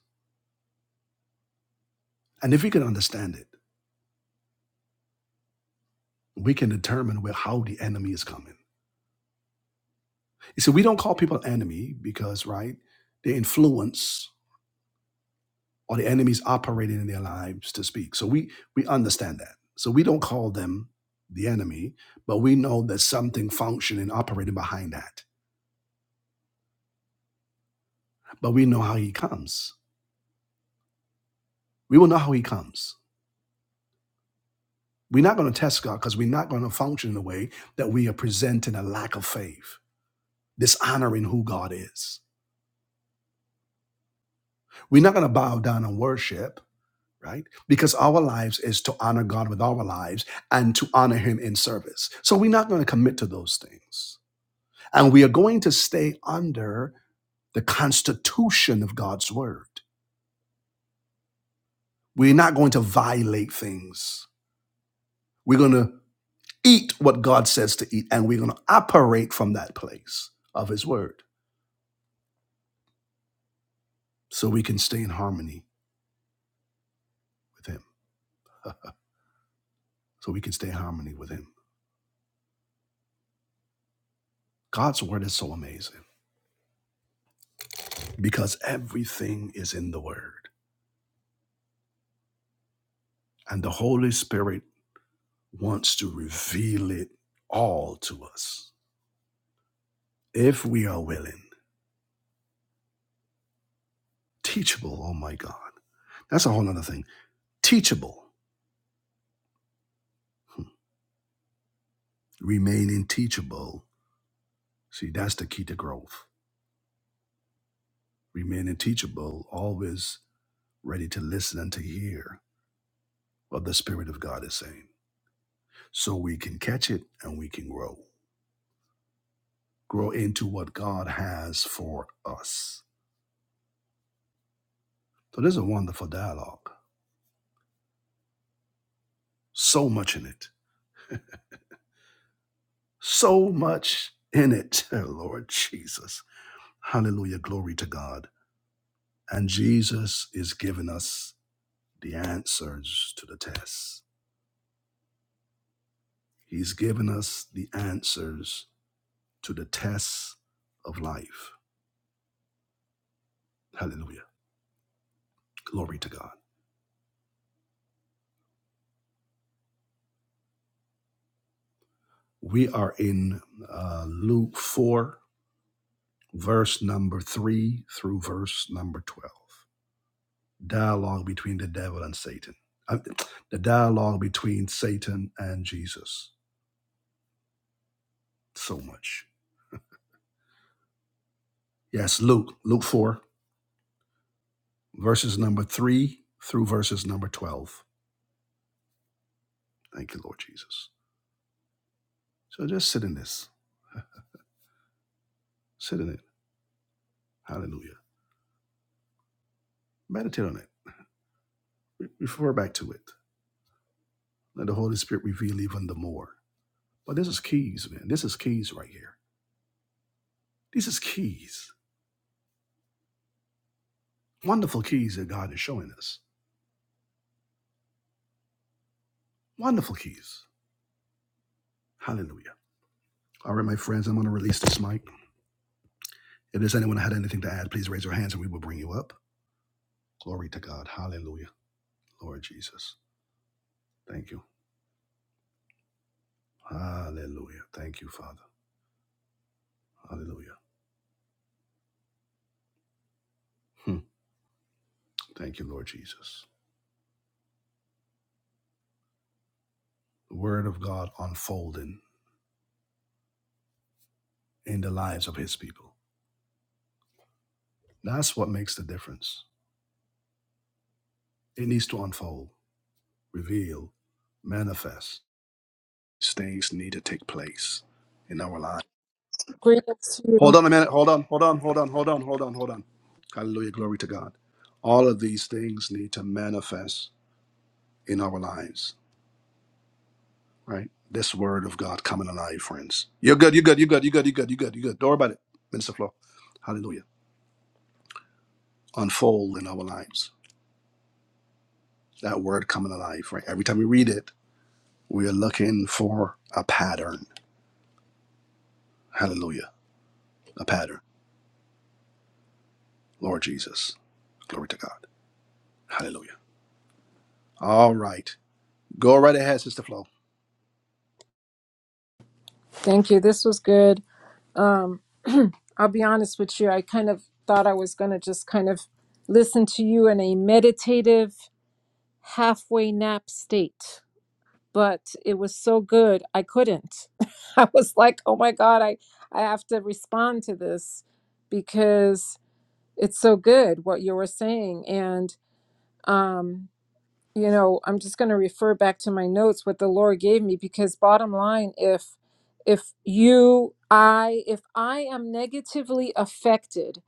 [SPEAKER 1] And if we can understand it, we can determine where how the enemy is coming You see, we don't call people enemy because, right, the influence or the enemies operating in their lives to speak. So we we understand that. So we don't call them the enemy, but we know there's something functioning, operating behind that. But we know how he comes. We will know how he comes. We're not going to test God because we're not going to function in a way that we are presenting a lack of faith, dishonoring who God is. We're not going to bow down and worship right? Because our lives is to honor God with our lives and to honor Him in service. So we're not going to commit to those things. And we are going to stay under the constitution of God's word. We're not going to violate things. We're going to eat what God says to eat, and we're going to operate from that place of His word so we can stay in harmony with Him, so we can stay in harmony with Him. God's word is so amazing because everything is in the word. And the Holy Spirit wants to reveal it all to us if we are willing. Teachable, oh my God. That's a whole other thing. Teachable, Hmm. remaining teachable. See, that's the key to growth. Remaining teachable, always ready to listen and to hear what the Spirit of God is saying so we can catch it and we can grow. Grow into what God has for us. So there's a wonderful dialogue. So much in it. So much in it, Lord Jesus. Hallelujah. Glory to God. And Jesus is giving us the answers to the tests. He's given us the answers to the tests of life. Hallelujah. Glory to God. We are in uh, Luke 4, verse number 3 through verse number 12. Dialogue between the devil and Satan. Uh, the dialogue between Satan and Jesus. So much. Yes, Luke, Luke 4 verses number 3 through verses number 12. Thank you, Lord Jesus. So just sit in this. Sit in it. Hallelujah. Meditate on it. Refer back to it. Let the Holy Spirit reveal even the more. But this is keys, man. This is keys right here. This is keys. Wonderful keys that God is showing us. Wonderful keys. Hallelujah. All right, my friends, I'm going to release this mic. If there's anyone who had anything to add, please raise your hands and we will bring you up. Glory to God. Hallelujah. Lord Jesus. Thank you. Hallelujah. Thank you, Father. Hallelujah. Hmm. Thank you, Lord Jesus. The word of God unfolding in the lives of his people. That's what makes the difference. It needs to unfold, reveal, manifest. These things need to take place in our lives.
[SPEAKER 2] Greetings to you.
[SPEAKER 1] Hold on a minute. Hold on. Hold on. Hold on. Hold on. Hold on. Hold on. Hallelujah. Glory to God. All of these things need to manifest in our lives, right? This word of God coming alive, friends. You're good. You're good. You're good. You're good. You're good. You're good. You're good. Don't worry about it. Minister Flo. Hallelujah. unfold in our lives. That word coming alive, right? Every time we read it, we are looking for a pattern. Hallelujah. A pattern. Lord Jesus. Glory to God. Hallelujah. All right. Go right ahead, Sister Flo.
[SPEAKER 2] Thank you. This was good. Um, I'll be honest with you. I kind of thought I was going to just kind of listen to you in a meditative halfway nap state, but it was so good. I couldn't. I was like, oh my God, I, I have to respond to this because it's so good what you were saying. And, um, you know i'm just going to refer back to my notes what the lord gave me because bottom line if if you i if i am negatively affected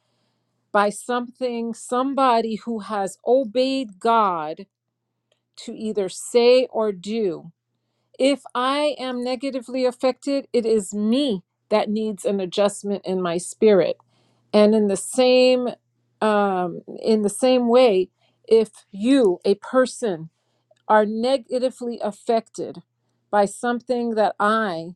[SPEAKER 2] by something somebody who has obeyed god to either say or do if i am negatively affected it is me that needs an adjustment in my spirit and in the same um in the same way if you a person are negatively affected by something that I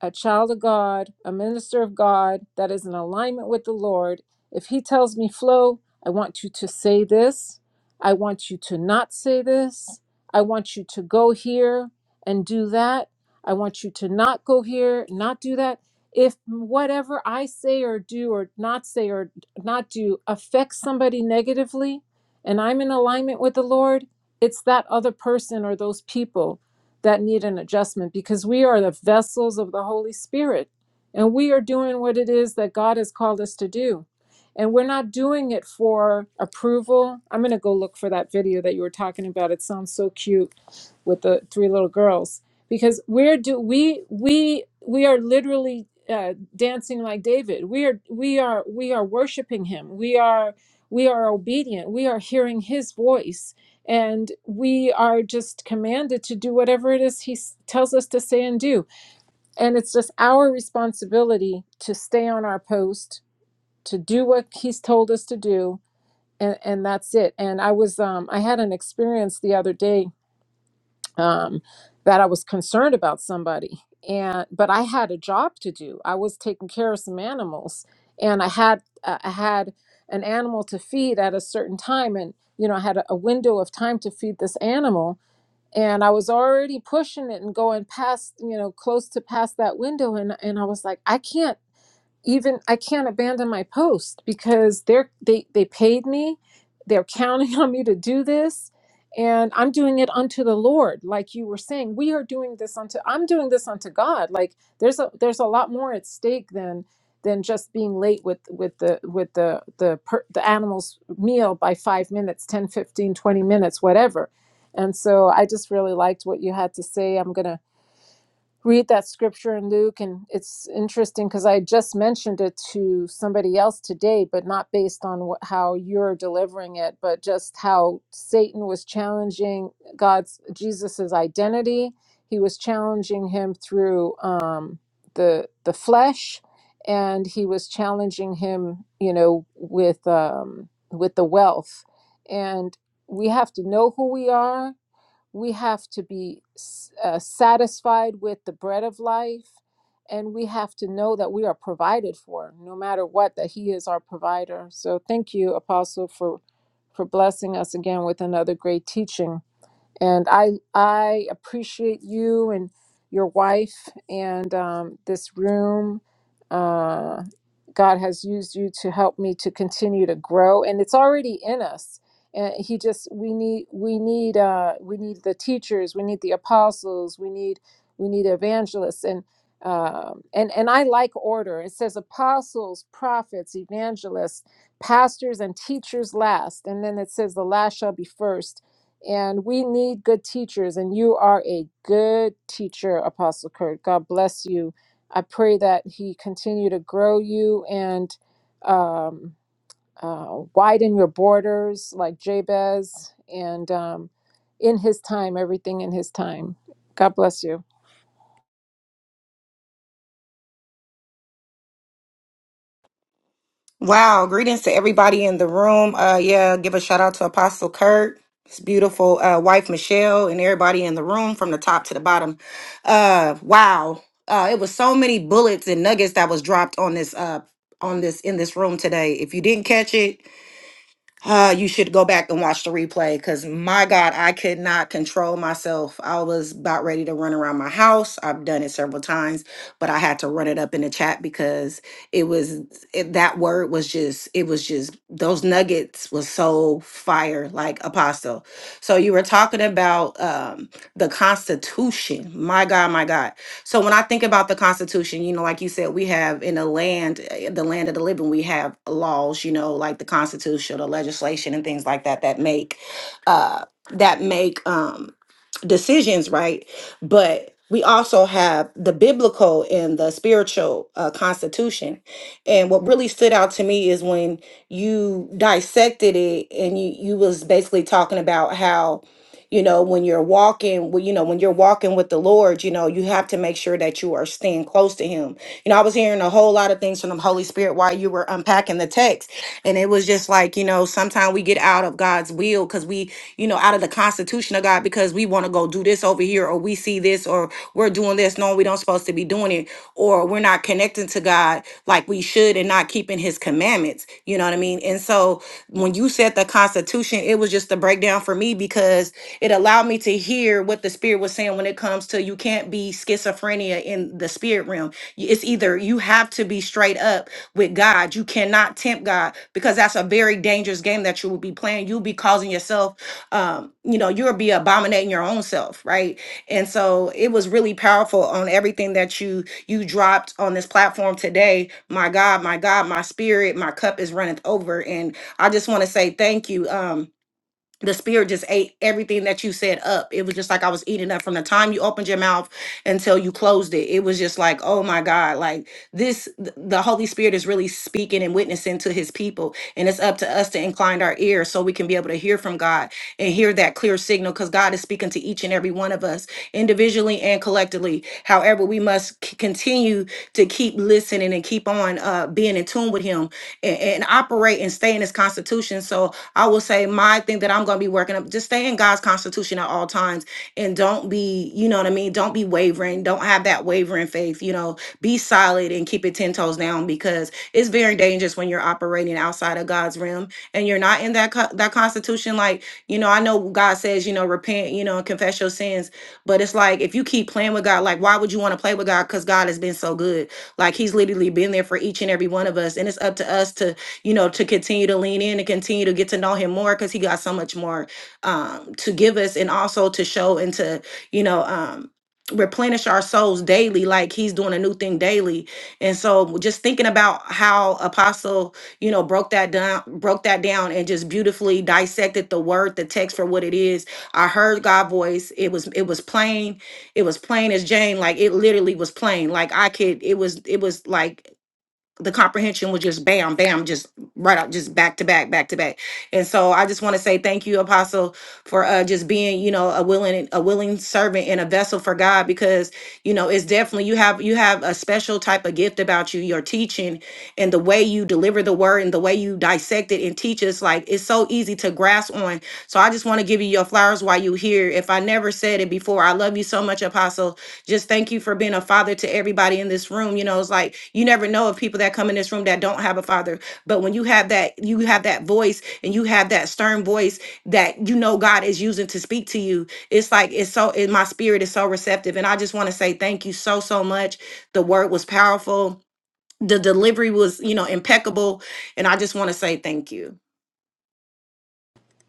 [SPEAKER 2] a child of God, a minister of God that is in alignment with the Lord, if he tells me, Flo, I want you to say this, I want you to not say this, I want you to go here and do that, I want you to not go here, not do that. If whatever I say or do or not say or not do affects somebody negatively and I'm in alignment with the Lord, it's that other person or those people that need an adjustment because we are the vessels of the Holy Spirit and we are doing what it is that God has called us to do. And we're not doing it for approval. I'm going to go look for that video that you were talking about. It sounds so cute with the three little girls because we're do we we we are literally uh, dancing like David. We are we are we are worshiping him. We are we are obedient. We are hearing his voice and we are just commanded to do whatever it is he s- tells us to say and do. And it's just our responsibility to stay on our post, to do what he's told us to do. And, and that's it. And I was um, I had an experience the other day um, that I was concerned about somebody. And but I had a job to do. I was taking care of some animals, and I had uh, I had an animal to feed at a certain time, and you know I had a, a window of time to feed this animal, and I was already pushing it and going past you know close to past that window, and and I was like I can't even I can't abandon my post because they're they they paid me, they're counting on me to do this, and I'm doing it unto the Lord, like you were saying. We are doing this unto I'm doing this unto God. Like there's a there's a lot more at stake than than just being late with with the with the the per, the animal's meal by 5 minutes, 10, 15, 20 minutes, whatever. And so I just really liked what you had to say. I'm going to read that scripture in Luke, and it's interesting because I just mentioned it to somebody else today, but not based on what, how you're delivering it, but just how Satan was challenging God's Jesus's identity. He was challenging him through um, the the flesh, and he was challenging him, you know, with um, with the wealth, and we have to know who we are we have to be uh, satisfied with the bread of life and we have to know that we are provided for no matter what that he is our provider so thank you apostle for for blessing us again with another great teaching and I I appreciate you and your wife and um, this room. Uh, God has used you to help me to continue to grow, and it's already in us. And He just we need we need uh, we need the teachers, we need the apostles, we need we need evangelists, and um, and and I like order. It says apostles, prophets, evangelists, pastors, and teachers last, and then it says the last shall be first and we need good teachers, and you are a good teacher, Apostle Kurt. God bless you. I pray that He continue to grow you and um, uh, widen your borders like Jabez. And um, in his time, everything in his time. God bless you.
[SPEAKER 3] Wow, greetings to everybody in the room. Uh yeah, give a shout out to Apostle Kurt, his beautiful uh wife Michelle, and everybody in the room from the top to the bottom. Uh wow. Uh it was so many bullets and nuggets that was dropped on this uh on this in this room today. If you didn't catch it, uh, you should go back and watch the replay because my God, I could not control myself. I was about ready to run around my house. I've done it several times, but I had to run it up in the chat because it was it, that word was just it was just those nuggets was so fire like apostle. So you were talking about um the Constitution. My God, my God. So when I think about the Constitution, you know, like you said, we have in the land, eh, the land of the living, we have laws, you know, like the Constitution, the legislation, and things like that that make, uh, that make um, decisions, right? But we also have the biblical and the spiritual uh, constitution. And what really stood out to me is when you dissected it, and you you was basically talking about how you know when you're walking well, you know when you're walking with the lord you know you have to make sure that you are staying close to him you know i was hearing a whole lot of things from the holy spirit while you were unpacking the text and it was just like you know sometimes we get out of god's will because we you know out of the constitution of god because we want to go do this over here or we see this this or we're doing this knowing we don't supposed to be doing it or we're not connecting to God like we should and not keeping his commandments. You know what I mean? And so when you said the constitution, it was just a breakdown for me because it allowed me to hear what the spirit was saying when it comes to you can't be schizophrenia in the spirit realm. Y- It's either you have to be straight up with God. You cannot tempt God because that's a very dangerous game that you will be playing. You'll be causing yourself um, you know, you'll be abominating your own self, right? And so it was really powerful on everything that you you dropped on this platform today. My God, my God, my spirit, my cup is running over. And I just want to say thank you. Um, the spirit just ate everything that you said up. It was just like I was eating up from the time you opened your mouth until you closed it. It was just like, oh my God, like this, th- the Holy Spirit is really speaking and witnessing to his people. And it's up to us to incline our ears so we can be able to hear from God and hear that clear signal because God is speaking to each and every one of us individually and collectively. However, we must c- continue to keep listening and keep on uh, being in tune with him and, and operate and stay in his constitution. So I will say my thing that I'm going to be working up, just stay in God's constitution at all times and don't be, you know what I mean? Don't be wavering. Don't have that wavering faith, you know, be solid and keep it 10 toes down because it's very dangerous when you're operating outside of God's realm and you're not in that, co- that constitution. Like, you know, I know God says, you know, repent, you know, and confess your sins, but it's like, if you keep playing with God, like, why would you want to play with God? Cause God has been so good. Like he's literally been there for each and every one of us. And it's up to us to you know, to continue to lean in and continue to get to know him more because he got so much more um, to give us and also to show and to, you know, um, replenish our souls daily like he's doing a new thing daily and so just thinking about how apostle you know broke that down broke that down and just beautifully dissected the word the text for what it is i heard god voice it was it was plain it was plain as jane like it literally was plain like i could it was it was like the comprehension was just bam, bam, just right up, just back to back, back to back. And so I just want to say thank you, Apostle, for uh, just being, you know, a willing, a willing servant and a vessel for God, because you know it's definitely you have you have a special type of gift about you, your teaching and the way you deliver the word and the way you dissect it and teach us. Like it's so easy to grasp on. So I just want to give you your flowers while you're here. If I never said it before, I love you so much, Apostle just thank you for being a father to everybody in this room you know it's like you never know of people that come in this room that don't have a father but when you have that you have that voice and you have that stern voice that you know god is using to speak to you it's like it's so it, my spirit is so receptive and i just want to say thank you so so much the word was powerful the delivery was you know impeccable and i just want to say thank you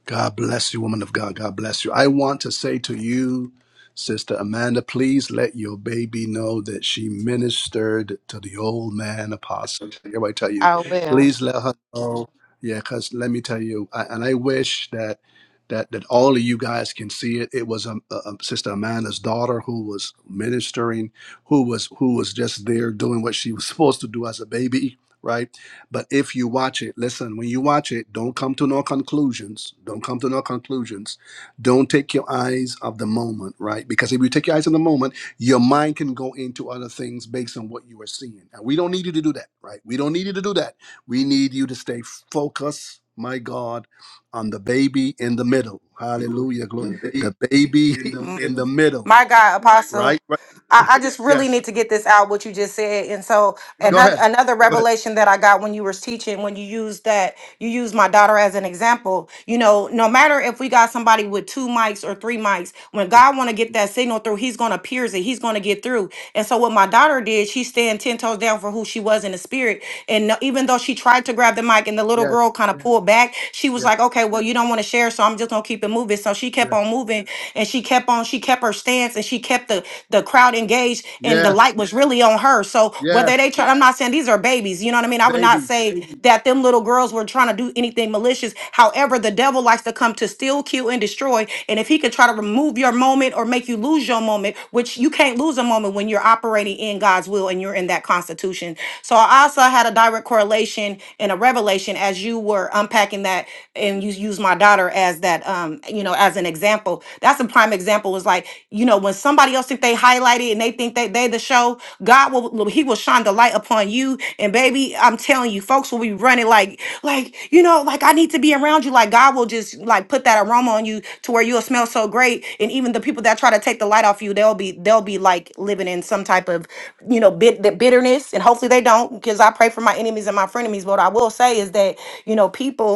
[SPEAKER 1] God bless you, woman of God. God bless you. I want to say to you, Sister Amanda, please let your baby know that she ministered to the old man apostle. Here, I tell you,
[SPEAKER 3] oh yeah
[SPEAKER 1] please let her know. Yeah, because let me tell you, I, and I wish that that that all of you guys can see it. It was um, uh, um, Sister Amanda's daughter who was ministering, who was who was just there doing what she was supposed to do as a baby, right? But if you watch it, listen, when you watch it, don't come to no conclusions. Don't come to no conclusions. Don't take your eyes off the moment, right? Because if you take your eyes on the moment, your mind can go into other things based on what you are seeing. And we don't need you to do that, right? We don't need you to do that. We need you to stay focused, my God, on the baby in the middle. Hallelujah. Glory. The baby
[SPEAKER 3] in the
[SPEAKER 1] in
[SPEAKER 3] middle.
[SPEAKER 1] the middle,
[SPEAKER 3] My God, Apostle,
[SPEAKER 1] right? right?
[SPEAKER 3] I, I just really
[SPEAKER 1] Yes.
[SPEAKER 3] need to get this out, what you just said. And so
[SPEAKER 1] Go
[SPEAKER 3] Another
[SPEAKER 1] ahead.
[SPEAKER 3] another
[SPEAKER 1] Go ahead.
[SPEAKER 3] revelation that I got when you were teaching, when you used that, you used my daughter as an example. You know, no matter if we got somebody with two mics or three mics, when
[SPEAKER 1] Yes.
[SPEAKER 3] God want to get that signal through, He's gonna pierce it. He's gonna get through. And so what my daughter did, she stand ten toes down for who she was in the spirit. And no- even though she tried to grab the mic, and the little
[SPEAKER 1] Yes.
[SPEAKER 3] girl kind of pulled back, she was
[SPEAKER 1] Yes.
[SPEAKER 3] like, "Okay, well, you don't want to share, so I'm just gonna keep it moving." So she kept
[SPEAKER 1] Yes.
[SPEAKER 3] on moving, and she kept on. She kept her stance, and she kept the the the crowd engaged and the light was really on her. So whether they try, I'm not saying these are babies, you know what I mean? I would not say that them little girls were trying to do anything malicious. However, the devil likes to come to steal, kill, and destroy. And if he could try to remove your moment or make you lose your moment, which you can't lose a moment when you're operating in God's will and you're in that constitution. So I also had a direct correlation and a revelation as you were unpacking that and you used my daughter as that um, you know, as an example example. That's a prime example. Was like, you know, when somebody else think they highlighted and they think they they the show, God will will- He will shine the light upon you. And baby, I'm telling you, folks will be running like, like, you know, like I need to be around you. Like God will just like put that aroma on you to where you'll smell so great. And even the people that try to take the light off you, they'll be they'll be like living in some type of, you know, bit the bitterness. And hopefully they don't, because I pray for my enemies and my frenemies. But What I will say is that, you know, people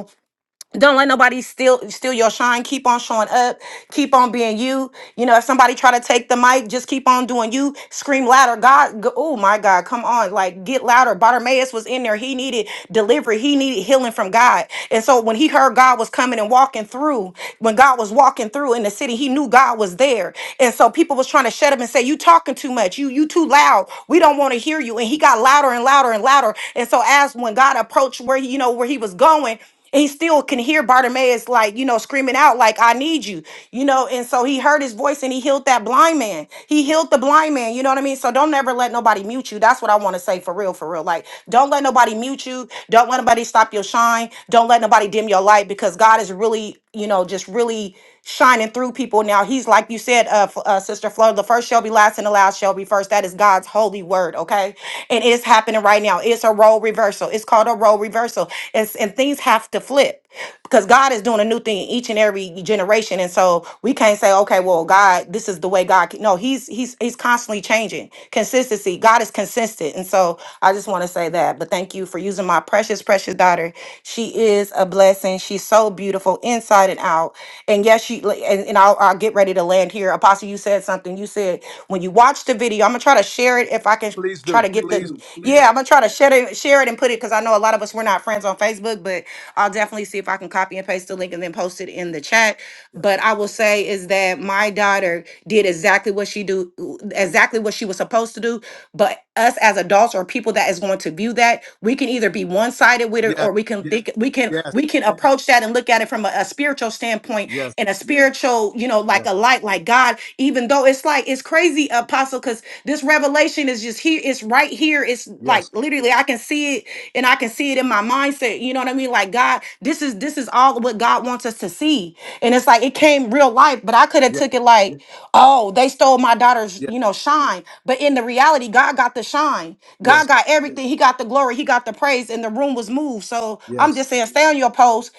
[SPEAKER 3] don't let nobody steal steal your shine keep on showing up keep on being you you know if somebody try to take the mic just keep on doing you scream louder god go, oh my god come on like get louder bartimaeus was in there he needed delivery he needed healing from god and so when he heard god was coming and walking through when god was walking through in the city he knew god was there and so people was trying to shut him and say you talking too much you you too loud we don't want to hear you and he got louder and louder and louder and so as when god approached where he you know where he was going and he still can hear Bartimaeus like you know screaming out like I need you you know and so he heard his voice and he healed that blind man he healed the blind man you know what I mean so don't never let nobody mute you that's what I want to say for real for real like don't let nobody mute you don't let nobody stop your shine don't let nobody dim your light because God is really you know just really shining through people. Now he's like you said, uh, F- uh Sister Flo, the first shall be last and the last shall be first. That is God's holy word, okay? And it's happening right now. It's a role reversal. It's called a role reversal. It's, and things have to flip because God is doing a new thing each and every generation. And so we can't say, okay, well, God, this is the way God. Can. No, He's He's He's constantly changing. Consistency. God is consistent. And so I just want to say that. But thank you for using my precious, precious daughter. She is a blessing. She's so beautiful inside and out. And yes, she li- and, and I'll, I'll get ready to land here. Apostle, you said something. You said when you watch the video, I'm gonna try to share it if I can
[SPEAKER 1] Please
[SPEAKER 3] try
[SPEAKER 1] do.
[SPEAKER 3] to get Please the
[SPEAKER 1] Please.
[SPEAKER 3] do, please
[SPEAKER 1] Yes.
[SPEAKER 3] yeah i'm gonna try to share it share it and put it because i know a lot of us we're not friends on facebook but i'll definitely see if i can copy and paste the link and then post it in the chat but i will say is that my daughter did exactly what she do exactly what she was supposed to do but us as adults or people that is going to view that we can either be one-sided with it
[SPEAKER 1] Yes,
[SPEAKER 3] or we can do. think we can
[SPEAKER 1] yes,
[SPEAKER 3] we can approach that and look at it from a, a spiritual standpoint
[SPEAKER 1] yes,
[SPEAKER 3] and a spiritual, you know, like
[SPEAKER 1] yes,
[SPEAKER 3] a light, like God, even though it's like, it's crazy, Apostle, because this revelation is just here. It's right here. It's
[SPEAKER 1] yes,
[SPEAKER 3] like literally, I can see it and I can see it in my mindset. You know what I mean? Like God, this is, this is all what God wants us to see. And it's like, it came real life, but I could have
[SPEAKER 1] yes,
[SPEAKER 3] took it like, oh, they stole my daughter's,
[SPEAKER 1] yes,
[SPEAKER 3] you know, shine. But in the reality, God got the shine. God
[SPEAKER 1] yes,
[SPEAKER 3] got everything. He got the glory. He got the praise. And the room was moved. So I'm
[SPEAKER 1] yes.
[SPEAKER 3] just saying, stay on your post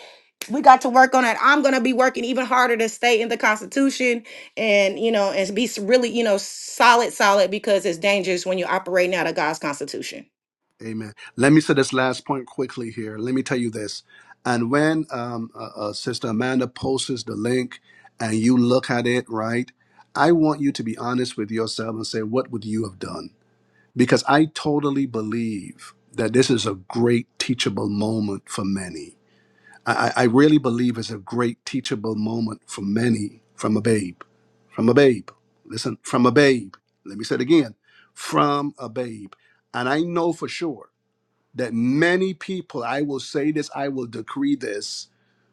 [SPEAKER 3] we got to work on it. I'm going to be working even harder to stay in the Constitution and, you know, and be s- really, you know, solid, solid because it's dangerous when you're operating out of God's Constitution.
[SPEAKER 1] Amen. Let me say this last point quickly here. Let me tell you this. And when um, uh, uh, Sister Amanda posts the link and you look at it, right? I want you to be honest with yourself and say, what would you have done? Because I totally believe that this is a great teachable moment for many I, I really believe is a great teachable moment for many from a babe. From a babe. Listen, from a babe. Let me say it again from a babe. And I know for sure that many people, I will say this, I will decree this,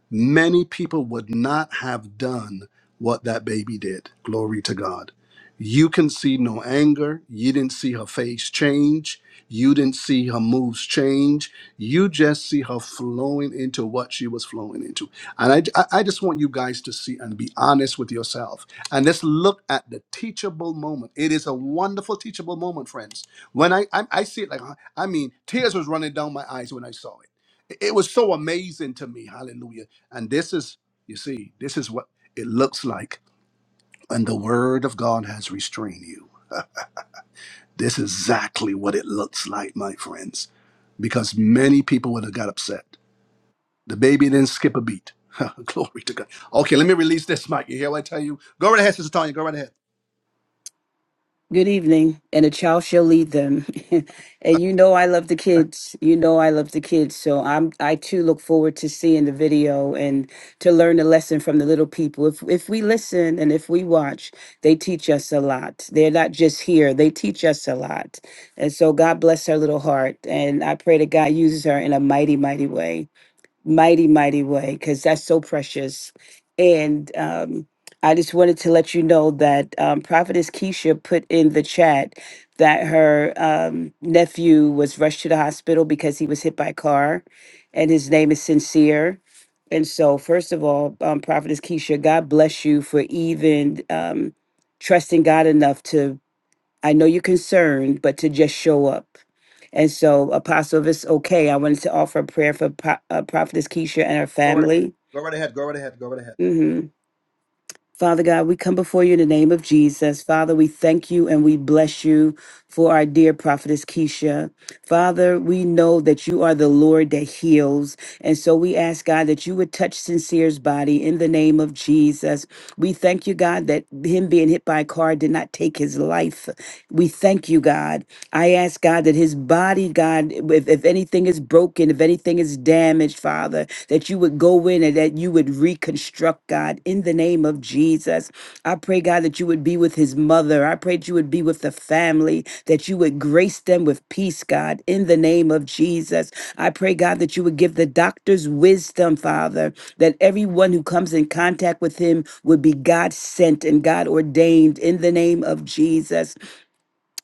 [SPEAKER 1] many people would not have done what that baby did. Glory to God. You can see no anger. You didn't see her face change. You didn't see her moves change. You just see her flowing into what she was flowing into. And I, I I just want you guys to see and be honest with yourself. And let's look at the teachable moment. It is a wonderful teachable moment, friends. When I, I, I see it, like, I mean, tears was running down my eyes when I saw it. It was so amazing to me. Hallelujah and this is, you see, this is what it looks like when the word of God has restrained you. This is exactly what it looks like, my friends, because many people would have got upset. The baby didn't skip a beat. Glory to God. Okay, let me release this mic. You hear what I tell you? Go right ahead, Sister Tanya. Go right ahead.
[SPEAKER 4] Good evening, and a child shall lead them. and you know I love the kids. You know I love the kids. So I'm I too look forward to seeing the video and to learn the lesson from the little people. If if we listen and if we watch, they teach us a lot. They're not just here, they teach us a lot. And so God bless her little heart. And I pray that God uses her in a mighty, mighty way. mighty, mighty way because that's so precious. And um, I just wanted to let you know that um, Prophetess Keisha put in the chat that her um, nephew was rushed to the hospital because he was hit by a car, and his name is Sincere. And so, first of all, um, Prophetess Keisha, God bless you for even um, trusting God enough to I know you're concerned, but to just show up. And so, Apostle, if it's okay, I wanted to offer a prayer for Po- uh, Prophetess Keisha and her family. hmm Father God, we come before you in the name of Jesus. Father, we thank you and we bless you for our dear prophetess Keisha. Father, we know that you are the Lord that heals. And so we ask God that you would touch Sincere's body in the name of Jesus. We thank you, God, that him being hit by a car did not take his life. We thank you, God. I ask, God, that his body, God, if, if anything is broken, if anything is damaged, Father, that you would go in and that you would reconstruct, God, in the name of Jesus. I pray, God, that you would you would be with his mother. I pray that you would be with the family, that you would grace them with peace, God, in the name of Jesus. I pray, God, that you would give the doctors wisdom, Father, that everyone who comes in contact with him would be God sent and God ordained in the name of Jesus.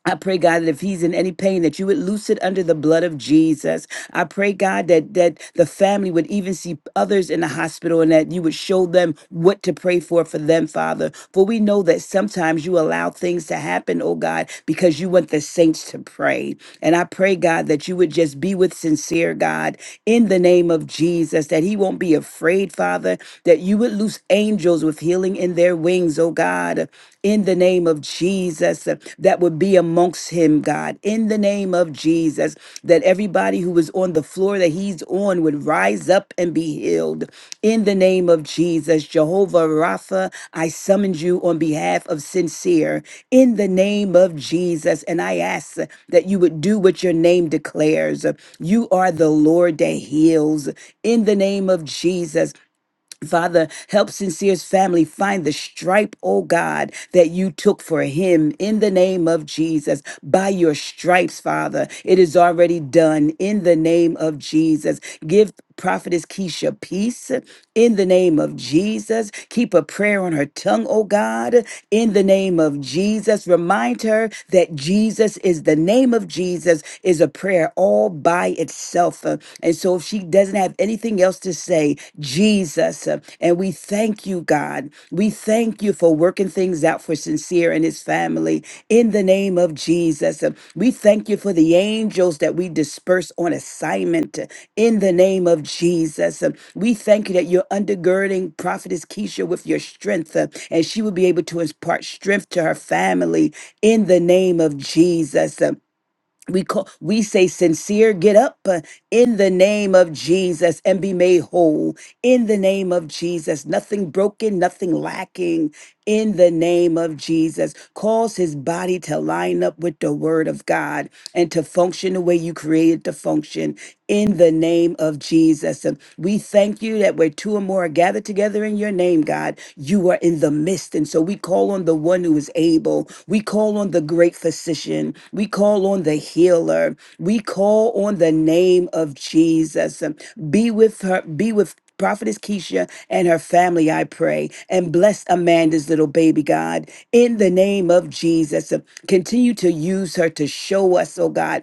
[SPEAKER 4] I pray, God, that if he's in any pain, that you would loose it under the blood of Jesus. I pray, God, that that the family would even see others in the hospital and that you would show them what to pray for for them, Father. For we know that sometimes you allow things to happen, oh God, because you want the saints to pray. And I pray, God, that you would just be with sincere God in the name of Jesus, that he won't be afraid, Father, that you would loose angels with healing in their wings, oh God in the name of Jesus uh, that would be amongst him, God. In the name of Jesus, that everybody who was on the floor that he's on would rise up and be healed. In the name of Jesus, Jehovah Rapha, I summoned you on behalf of sincere. In the name of Jesus, and I ask uh, that you would do what your name declares. You are the Lord that heals. In the name of Jesus, Father, help Sincere's family find the stripe, oh God, that you took for him in the name of Jesus. By your stripes, Father, it is already done in the name of Jesus. Give Prophetess Keisha peace in the name of Jesus. Keep a prayer on her tongue, tongue, oh God, in the name of Jesus. Remind her that Jesus is the name of Jesus is a prayer all by itself. Uh, And so if she doesn't have anything else to say, Jesus, uh, and we thank you, God. We thank you for working things out for Sincere and his family in the name of Jesus. Uh, We thank you for the angels that we disperse on assignment in the name of Jesus. Um, We thank you that you're undergirding Prophetess Keisha with your strength, uh, and she will be able to impart strength to her family in the name of Jesus. Um, We call, we say sincere, get up uh, in the name of Jesus and be made whole in the name of Jesus. Nothing broken, nothing lacking in the name of Jesus. Cause his body to line up with the word of God and to function the way you created to function in the name of Jesus. And we thank you that where two or more are gathered together in your name, God, you are in the midst. And so we call on the one who is able. We call on the great physician. We call on the healer. We call on the name of Jesus. And Be with her, be with Prophetess Keisha and her family, I pray, and bless Amanda's little baby, God, in the name of Jesus. Continue to use her to show us, oh God,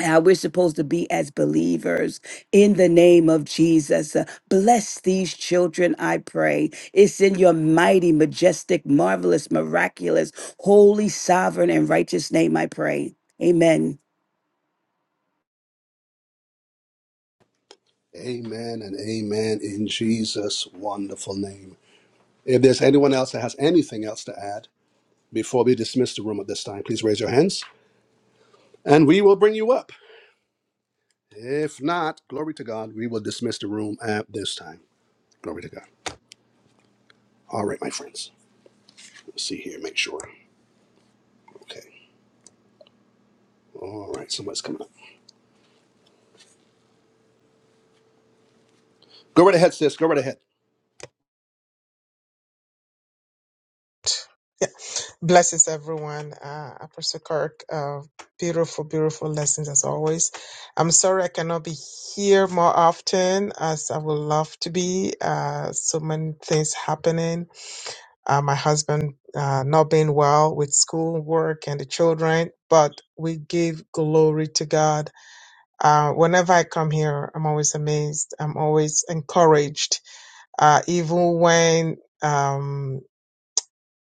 [SPEAKER 4] how we're supposed to be as believers in the name of Jesus. Uh, bless these children, I pray. It's in your mighty, majestic, marvelous, miraculous, holy, sovereign, and righteous name, I pray. Amen.
[SPEAKER 1] Amen and amen in Jesus' wonderful name. If there's anyone else that has anything else to add before we dismiss the room at this time, please raise your hands and we will bring you up. If not, glory to God, we will dismiss the room at this time. Glory to God. All right, my friends. Let's see here, make sure. Okay. All right, somebody's coming up. Go right ahead, sis. Go right ahead.
[SPEAKER 5] Yeah. Blessings, everyone. Uh, Apostle Kirk, uh, beautiful, beautiful lessons as always. I'm sorry I cannot be here more often as I would love to be. Uh, so many things happening. Uh, my husband uh, not being well with school, work, and the children, but we give glory to God. Uh, whenever I come here, I'm always amazed. I'm always encouraged. Uh, even when, um,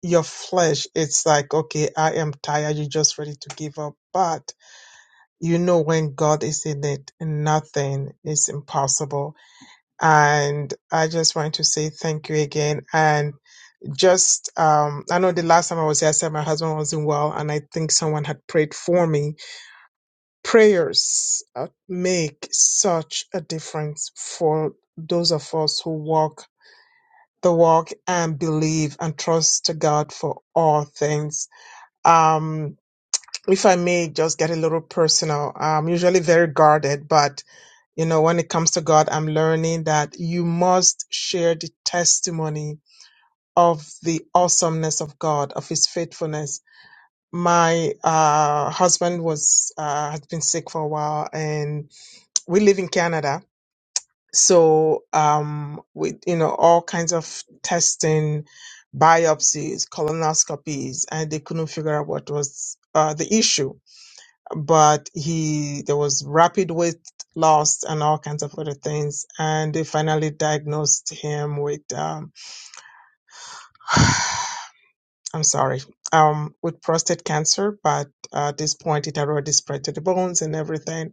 [SPEAKER 5] your flesh, it's like, okay, I am tired. You're just ready to give up. But you know, when God is in it, nothing is impossible. And I just want to say thank you again. And just, um, I know the last time I was here, I said my husband wasn't well, and I think someone had prayed for me. Prayers uh, make such a difference for those of us who walk the walk and believe and trust God for all things. Um, if I may just get a little personal, I'm usually very guarded, but you know, when it comes to God, I'm learning that you must share the testimony of the awesomeness of God, of His faithfulness. My uh, husband was uh, had been sick for a while, and we live in Canada, so um, with you know all kinds of testing, biopsies, colonoscopies, and they couldn't figure out what was uh, the issue but he there was rapid weight loss and all kinds of other things and they finally diagnosed him with um i'm sorry um with prostate cancer but at this point it had already spread to the bones and everything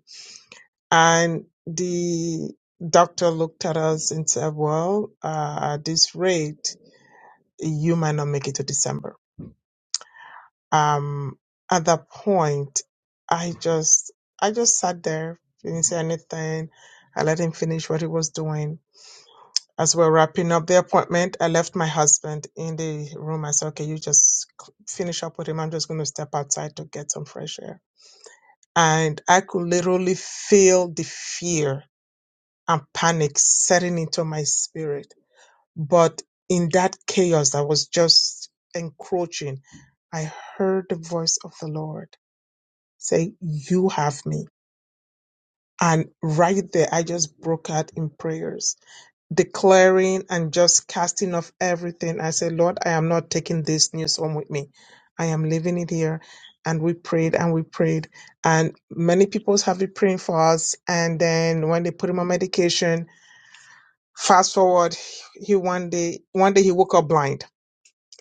[SPEAKER 5] and the doctor looked at us and said well uh, at this rate you might not make it to december Um, at that point, I just, I just sat there, didn't say anything. I let him finish what he was doing. As we we're wrapping up the appointment, I left my husband in the room. I said, okay, you just c- finish up with him. I'm just going to step outside to get some fresh air. And I could literally feel the fear and panic setting into my spirit. But in that chaos that was just encroaching, I heard the voice of the Lord. Say, You have me. And right there, I just broke out in prayers, declaring and just casting off everything. I said, Lord, I am not taking this news home with me. I am leaving it here. And we prayed and we prayed. And many people have been praying for us. And then when they put him on medication, fast forward, he one day, one day he woke up blind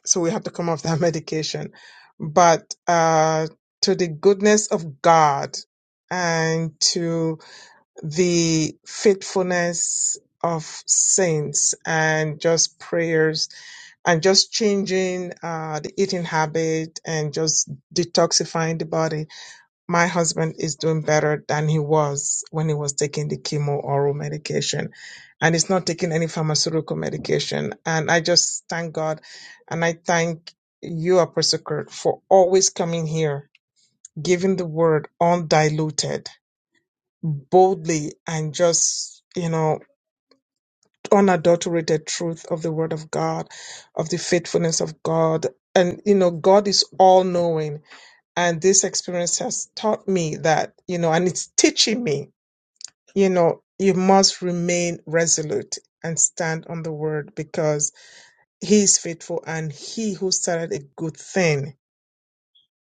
[SPEAKER 5] so we had to come off that medication. But uh, to the goodness of God and to the faithfulness of saints and just prayers and just changing uh, the eating habit and just detoxifying the body my husband is doing better than he was when he was taking the chemo oral medication. And he's not taking any pharmaceutical medication. And I just thank God and I thank you, Apostle Kirk, for always coming here, giving the word undiluted, boldly, and just, you know, unadulterated truth of the word of God, of the faithfulness of God. And, you know, God is all knowing and this experience has taught me that you know and it's teaching me you know you must remain resolute and stand on the word because he is faithful and he who started a good thing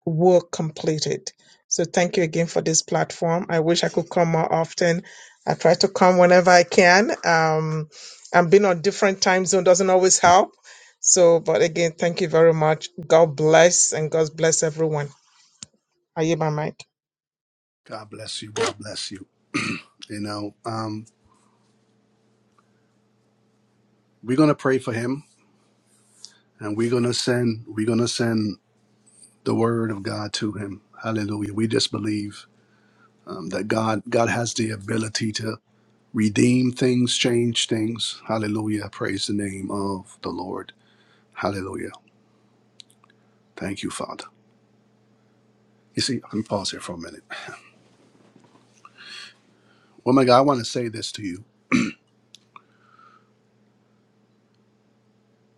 [SPEAKER 5] will complete it so thank you again for this platform i wish i could come more often i try to come whenever i can um and being on different time zone doesn't always help so but again thank you very much god bless and god bless everyone are you my mic
[SPEAKER 1] God bless you. God bless you. You know, um, we're gonna pray for him and we're gonna send we're gonna send the word of God to him. Hallelujah. We just believe um, that God God has the ability to redeem things, change things. Hallelujah. Praise the name of the Lord. Hallelujah. Thank you, Father. You see, let me pause here for a minute. Woman, of God, I want to say this to you.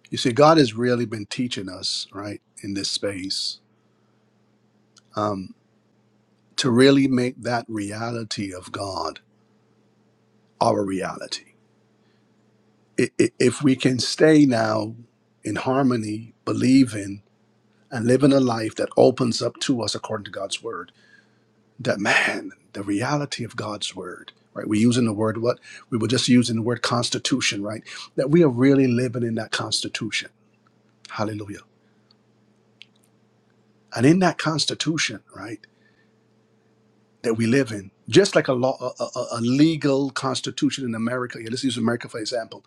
[SPEAKER 1] You see, God has really been teaching us, right, in this space, um, to really make that reality of God our reality. I- i- If we can stay now in harmony, believing, and living a life that opens up to us according to God's word, that man, the reality of God's word, right? We're using the word what? We were just using the word constitution, right? That we are really living in that constitution. Hallelujah And in that constitution, right, that we live in, just like a law, a, a, a legal constitution in America, yeah, let's use America for example.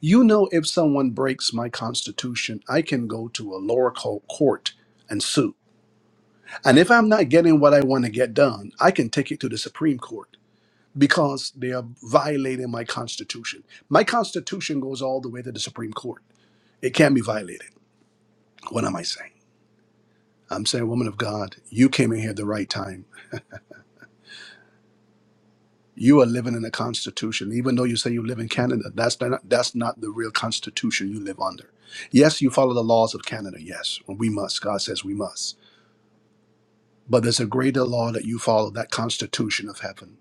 [SPEAKER 1] You know, if someone breaks my constitution, I can go to a lower co- court and sue. And if I'm not getting what I want to get done, I can take it to the Supreme Court because they are violating my constitution. My constitution goes all the way to the Supreme Court. It can be violated. What am I saying? I'm saying, woman of God, you came in here at the right time You are living in a constitution, even though you say you live in Canada. That's not, that's not the real constitution you live under. Yes, you follow the laws of Canada. Yes, Well, we must. God says we must. But there's a greater law that you follow, that constitution of heaven,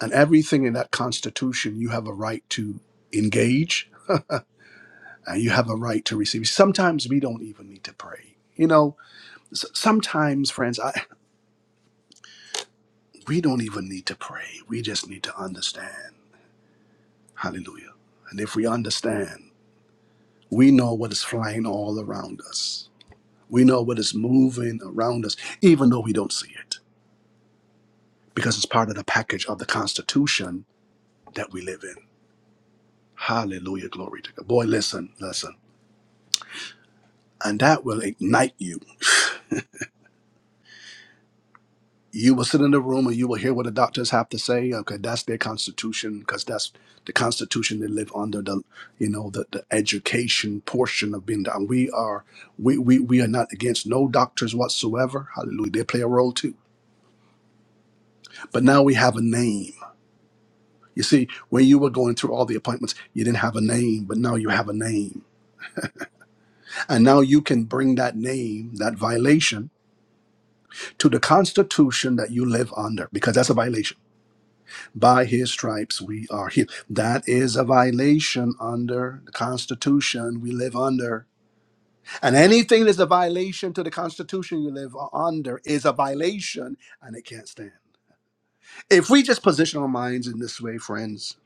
[SPEAKER 1] and everything in that constitution you have a right to engage, and you have a right to receive. Sometimes we don't even need to pray. You know, s- sometimes, friends, I, we don't even need to pray. We just need to understand. Hallelujah. And if we understand. we know what is flying all around us. We know what is moving around us, even though we don't see it, because it's part of the package of the Constitution that we live in. Hallelujah, glory to God. Boy, listen, listen. And that will ignite you. You will sit in the room and you will hear what the doctors have to say. Okay, that's their constitution, because that's the constitution they live under. The you know the, the education portion of being down. We are we, we we are not against no doctors whatsoever. Hallelujah. They play a role too but now we have a name. You see, when you were going through all the appointments, you didn't have a name, but now you have a name. And now you can bring that name, that violation, to the Constitution that you live under, because that's a violation. By his stripes, we are healed. That is a violation under the Constitution we live under. And anything that's a violation to the Constitution you live under is a violation, and it can't stand. If we just position our minds in this way, friends,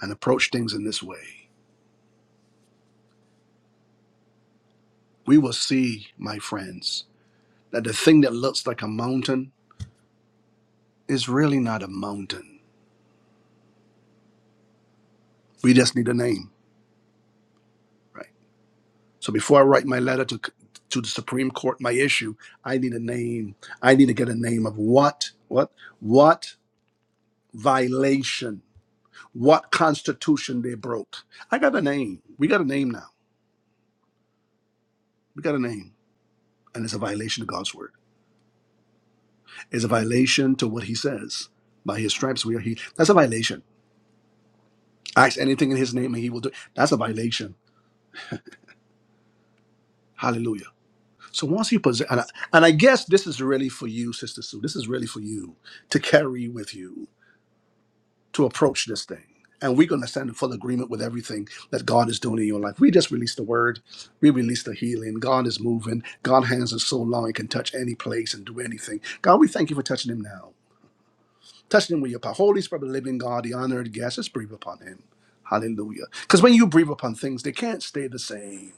[SPEAKER 1] and approach things in this way, we will see, my friends, that the thing that looks like a mountain is really not a mountain. We just need a name, right? So before I write my letter to to the Supreme Court, my issue, I need a name. I need to get a name of what, what, what violation, what constitution they broke. I got a name. We got a name now. We got a name, and it's a violation of God's word. It's a violation to what He says. By His stripes we are healed. That's a violation. Ask anything in His name, and He will do. it. That's a violation Hallelujah. So once you possess, and I, and I guess this is really for you, Sister Sue. This is really for you to carry with you to approach this thing. And we're going to stand in full agreement with everything that God is doing in your life. We just released the word. We released the healing. God is moving. God's hands are so long, it can touch any place and do anything. God, we thank you for touching him now. Touching him with your power. Holy Spirit, of the living God, the honored guest, just breathe upon him. Hallelujah. Because when you breathe upon things, they can't stay the same.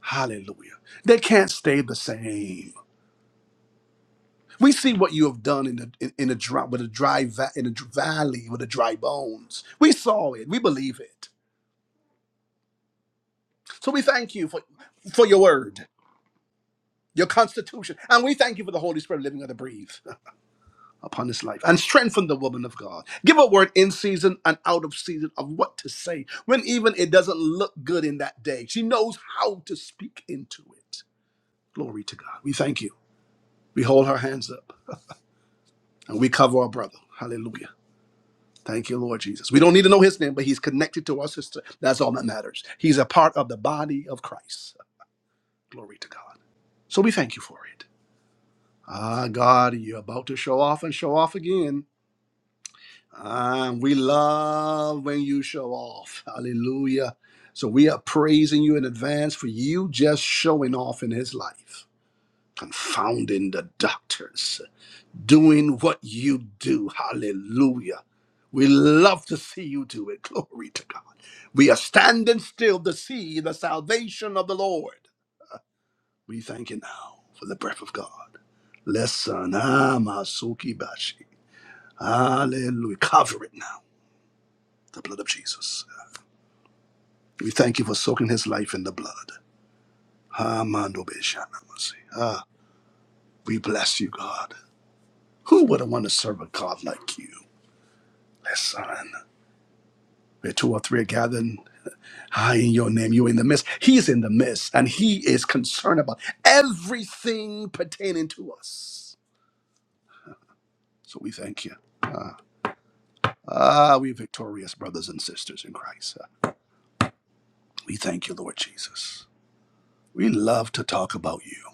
[SPEAKER 1] Hallelujah. They can't stay the same. We see what you have done in the in, in a dry with a dry va- in a dr- valley with a dry bones. We saw it. We believe it. So we thank you for for your word, your constitution, and we thank you for the Holy Spirit living and breathe upon this life and strengthen the woman of God. Give a word in season and out of season of what to say when even it doesn't look good in that day. She knows how to speak into it. Glory to God. We thank you. We hold her hands up and we cover our brother. Hallelujah. Thank you, Lord Jesus. We don't need to know his name, but he's connected to our sister. That's all that matters. He's a part of the body of Christ. Glory to God. So we thank you for it. Ah, God, you're about to show off and show off again. Ah, we love when you show off. Hallelujah. So we are praising you in advance for you just showing off in his life, confounding the doctors. doing what you do. Hallelujah. We love to see you do it. Glory to God. We are standing still to see the salvation of the Lord. We thank you now for the breath of God. Listen, Amasuki Bashi. Hallelujah. Cover it now, the blood of Jesus. We thank you for soaking his life in the blood. Amando Beshanamasi. Ah, we bless you, God. Who would have want to serve a God like you? Listen, where two or three are gathered. Ah, in your name, you're in the midst. He's in the midst, and he is concerned about everything pertaining to us. So we thank you. Ah, we victorious brothers and sisters in Christ. We thank you, Lord Jesus. We love to talk about you.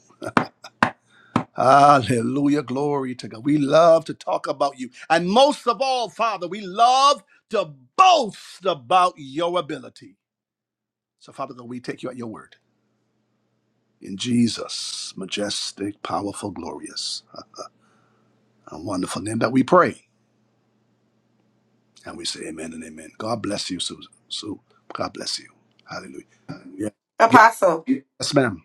[SPEAKER 1] Hallelujah. Glory to God. We love to talk about you. And most of all, Father, we love to boast about your ability. So, Father God, we take you at your word. In Jesus, majestic, powerful, glorious. A wonderful name that we pray. And we say amen and amen. God bless you, Susan. Sue. God bless you. Hallelujah. Yeah. Give-
[SPEAKER 3] Apostle,
[SPEAKER 1] Yes, ma'am.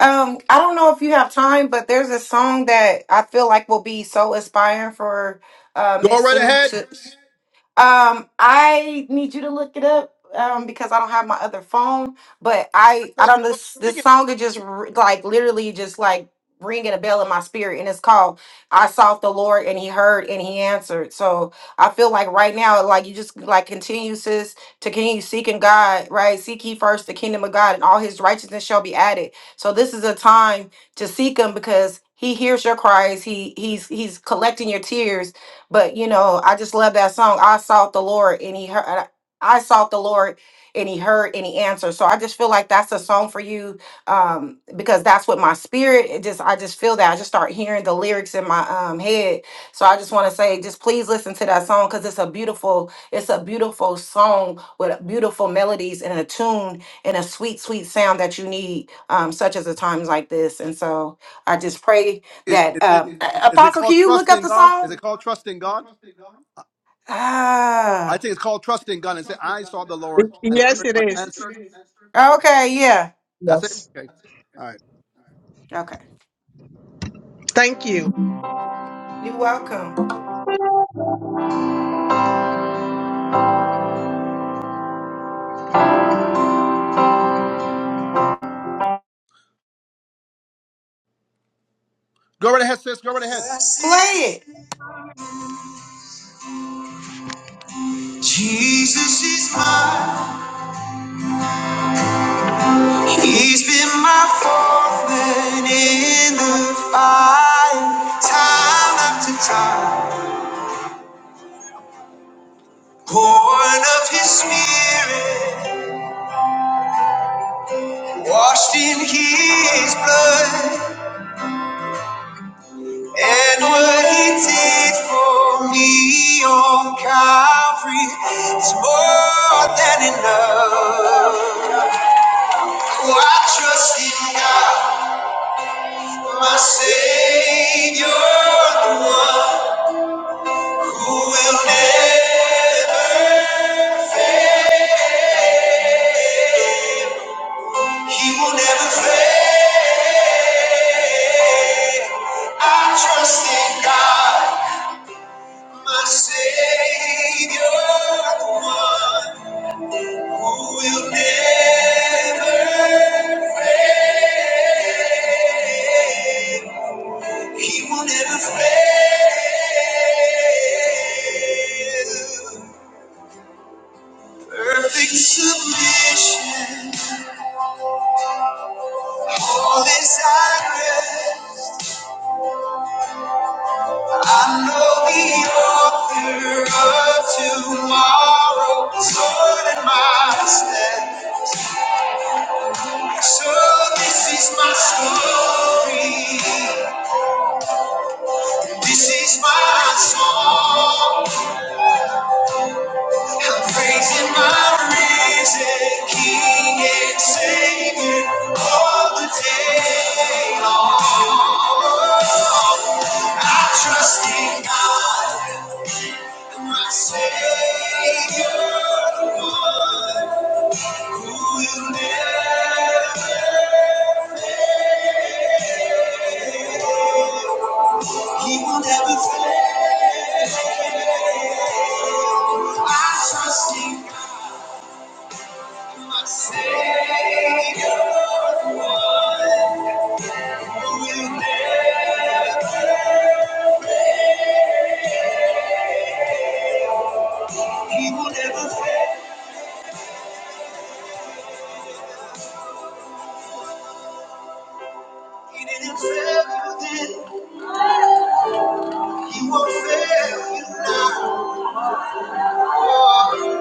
[SPEAKER 3] um, I don't know if you have time, but there's a song that I feel like will be so inspiring for uh,
[SPEAKER 1] Go
[SPEAKER 3] Miss
[SPEAKER 1] right
[SPEAKER 3] Sue
[SPEAKER 1] ahead.
[SPEAKER 3] to. Um, I need you to look it up um, because I don't have my other phone. But
[SPEAKER 1] I
[SPEAKER 3] I, I
[SPEAKER 1] thought you
[SPEAKER 3] don't
[SPEAKER 1] were about
[SPEAKER 3] this
[SPEAKER 1] to sing
[SPEAKER 3] this
[SPEAKER 1] it.
[SPEAKER 3] song is just r- like literally just like ringing a bell in my spirit, and it's called "I Sought the Lord and He Heard and He Answered." So I feel like right now, like you just like continue, sis, to continue seeking God, right? Seek ye first the kingdom of God, and all His righteousness shall be added. So this is a time to seek Him because. He hears your cries. He he's he's collecting your tears but you know, I just love that song. I sought the Lord and he heard I sought the Lord and he heard and he answered. So I just feel like that's a song for you um because that's what my spirit it just I just feel that I just start hearing the lyrics in my um head. So I just want to say just please listen to that song cuz it's a beautiful it's a beautiful song with beautiful melodies and a tune and a sweet sweet sound that you need um such as a times like this. And so I just pray
[SPEAKER 1] Is,
[SPEAKER 3] that
[SPEAKER 1] is it
[SPEAKER 3] uh,
[SPEAKER 1] is it
[SPEAKER 3] Apostle, can
[SPEAKER 1] called
[SPEAKER 3] you look up
[SPEAKER 1] trusting
[SPEAKER 3] the
[SPEAKER 1] God? Is
[SPEAKER 3] song?
[SPEAKER 1] it called trusting God? I I
[SPEAKER 3] Ah,
[SPEAKER 1] think it's called trusting God. And say, I saw the Lord and he
[SPEAKER 5] Yes,
[SPEAKER 1] heard
[SPEAKER 5] it
[SPEAKER 1] my
[SPEAKER 5] is.
[SPEAKER 1] answer.
[SPEAKER 3] okay, yeah,
[SPEAKER 1] That's it.
[SPEAKER 5] Yes.
[SPEAKER 1] Okay. All right.
[SPEAKER 3] okay.
[SPEAKER 5] Thank you.
[SPEAKER 3] You're welcome.
[SPEAKER 1] Go right ahead, sis. Go right ahead.
[SPEAKER 3] Play
[SPEAKER 5] Blessed
[SPEAKER 3] it.
[SPEAKER 5] Jesus is mine. He's been my foreman in the fire, time after time. Born of His Spirit, washed in His blood, and what He did for me on Calvary is more than enough. Oh, I trust in God, my Savior, the one who will never, He will never fail. I trust in God, my Savior, the one who will never, He will never fail. Perfect submission, all is at rest. I know the author of tomorrow is holding my hand. So this is my story. This is my song. I'm praising my risen King and Savior all the day. Trusting God, my Savior, He will never fail. Trusting God, my Savior, He will never fail. He didn't fail you then. He won't fail you now. Oh,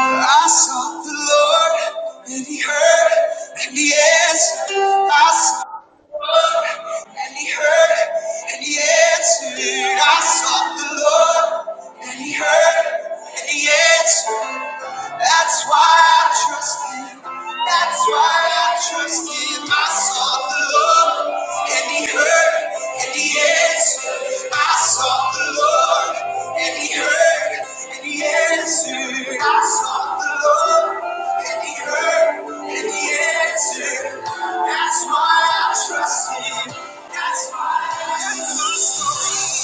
[SPEAKER 5] I sought the Lord, and He heard, and He answered. I sought And he heard and he answered. I sought the Lord and he heard and he answered. That's why I trust him. That's why I trust him. I sought the Lord and he heard and he answered. I sought the Lord and he heard and he answered. I sought the Lord. And he heard and he answered. That's why I trust him. That's why I trust him.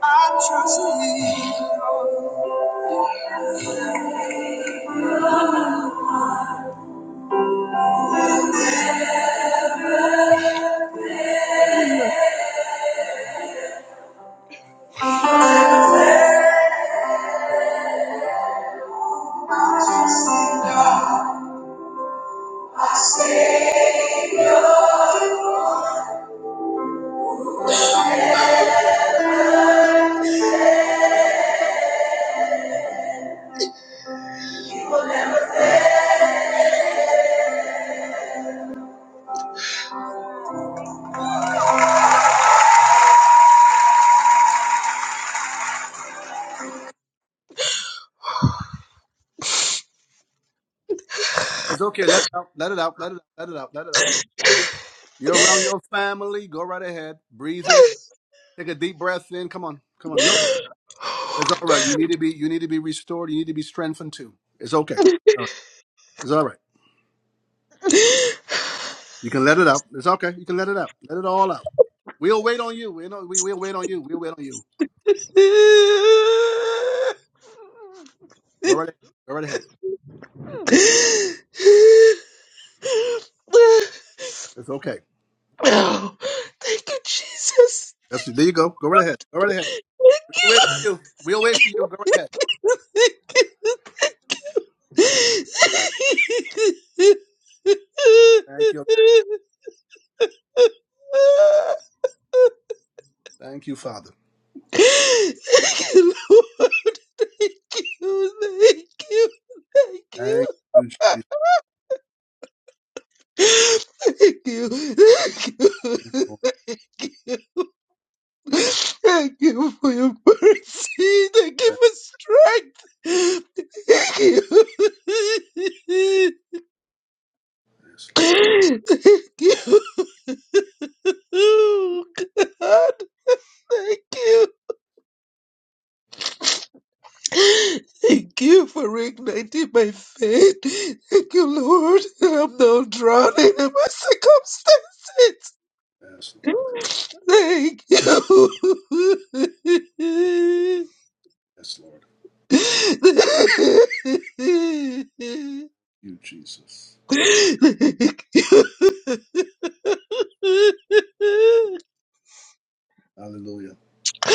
[SPEAKER 5] I trust him.
[SPEAKER 1] It's okay. Let it out. Let it out. Let it out. Let it out. Let it out. You're around your family. Go right ahead. Breathe in. Take a deep breath in. Come on. Come on. It's all right. You need to be you need to be restored. You need to be strengthened too. It's okay. All right. It's all right. You can let it out. It's okay. You can let it out. Let it all out. We'll wait on you. We know we will wait on you. We'll wait on you.
[SPEAKER 5] Oh,
[SPEAKER 1] Go right ahead. Go right ahead. It's okay.
[SPEAKER 5] thank you, Jesus.
[SPEAKER 1] That's there you go. Go right ahead. Go right ahead. We'll wait for you. We'll wait for you. Go right ahead.
[SPEAKER 5] Thank you. Thank
[SPEAKER 1] Thank you. Thank you, Father.
[SPEAKER 5] you, Lord. Thank you, thank you, thank you,
[SPEAKER 1] Thank you, Jesus.
[SPEAKER 5] thank you, thank you
[SPEAKER 1] Oh,
[SPEAKER 5] Thank you for your mercy. Thank you for strength. Thank you.
[SPEAKER 1] Yes, Lord.
[SPEAKER 5] Thank you, Oh, God. Thank you. Thank you for igniting my faith. Thank you, Lord. that I'm not drowning in my circumstances.
[SPEAKER 1] Yes, Lord.
[SPEAKER 5] Thank you.
[SPEAKER 1] Yes, Lord. You, Jesus.
[SPEAKER 5] Thank you.
[SPEAKER 1] Hallelujah.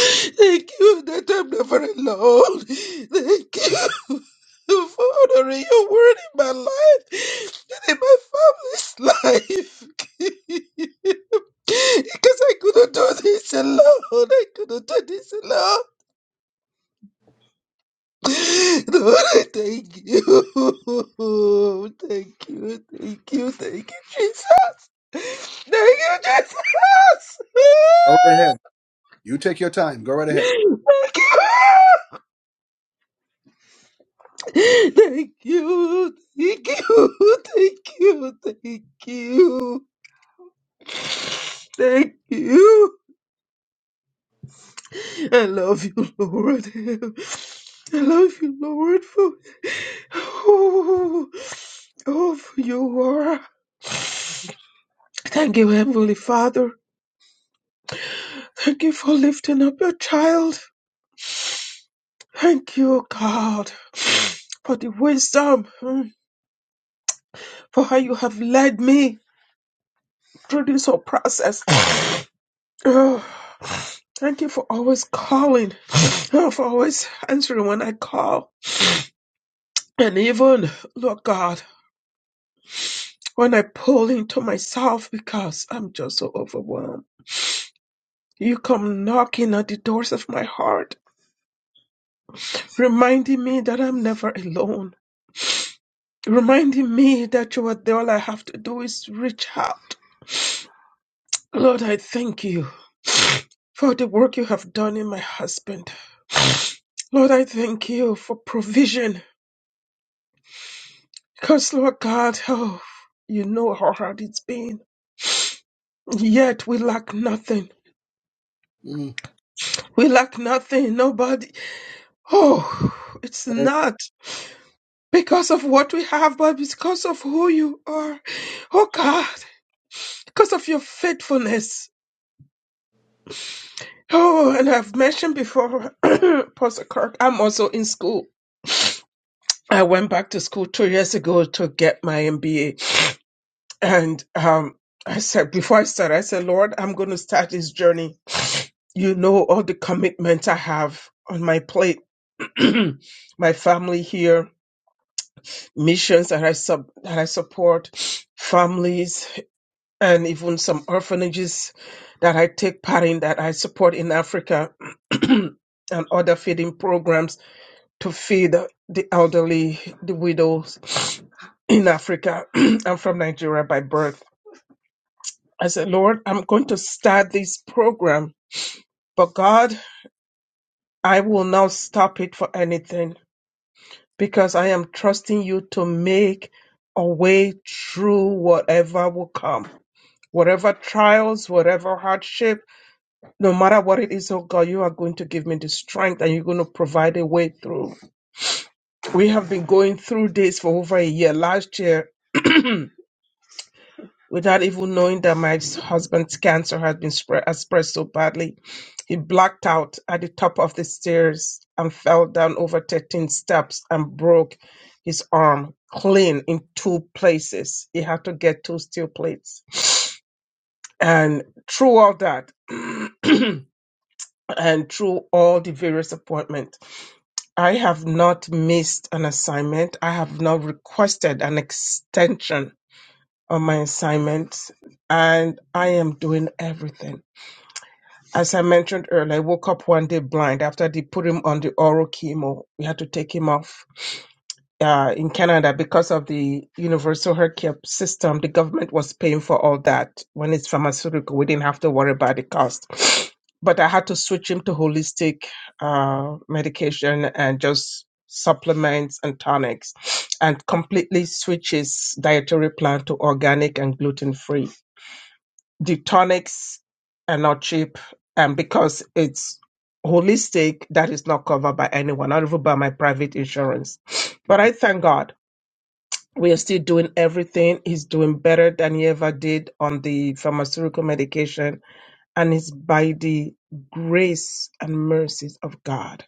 [SPEAKER 5] Thank you that I'm never alone. Thank you for honoring your word in my life and in my family's life. because I couldn't do this alone. I couldn't do this alone. Lord, I thank you. Thank you, thank you, thank you, Jesus. Thank you, Jesus.
[SPEAKER 1] Go right ahead. You take your time. Go right ahead.
[SPEAKER 5] Thank you. Thank you, thank you, thank you, thank you, thank you. I love you, Lord. I love you, Lord, for who oh, for you are. Thank you, Heavenly Father. Thank you for lifting up your child. Thank you, God, for the wisdom, mm, for how you have led me through this whole process. Thank you for always calling, for always answering when I call. And even, Lord God, when I pull into myself because I'm just so overwhelmed, you come knocking at the doors of my heart, reminding me that I'm never alone, reminding me that you are there. All I have to do is reach out. Lord, I thank you for the work you have done in my husband. Lord, I thank you for provision. Because, Lord God, oh, you know how hard it's been. Yet we lack nothing.
[SPEAKER 1] Mm,
[SPEAKER 5] We lack nothing. Nobody. Oh, it's not because of what we have, but because of who you are. Oh God, because of your faithfulness. Oh, and I've mentioned before, Pastor Kirk, I'm also in school. I went back to school two years ago to get my MBA. And um, I said, before I started, I said, Lord, I'm going to start this journey. You know all the commitments I have on my plate my family here, missions that I sub that I support, families and even some orphanages that I take part in that I support in Africa and other feeding programs to feed the elderly, the widows in Africa. I'm from Nigeria by birth. I said, Lord, I'm going to start this program, but God, I will not stop it for anything. because I am trusting you to make a way through whatever will come. Whatever trials, whatever hardship, no matter what it is, oh God, you are going to give me the strength and you're going to provide a way through. We have been going through this for over a year. Last year, without even knowing that my husband's cancer had been spread, had spread so badly, He blacked out at the top of the stairs and fell down over 13 steps and broke his arm clean in two places. He had to get two steel plates. And through all that, and through all the various appointments, I have not missed an assignment. I have not requested an extension on my assignments. And I am doing everything. As I mentioned earlier, I woke up one day blind after they put him on the oral chemo. We had to take him off. Uh, in Canada, because of the universal health care system, the government was paying for all that. When it's pharmaceutical, we didn't have to worry about the cost. But I had to switch him to holistic uh, medication and just supplements and tonics, and completely switch his dietary plan to organic and gluten free the tonics are not cheap and because it's holistic that is not covered by anyone not even by my private insurance but
[SPEAKER 1] mm,
[SPEAKER 5] i thank god we are still doing everything he's doing better than he ever did on the pharmaceutical medication and it's by the grace and mercies of god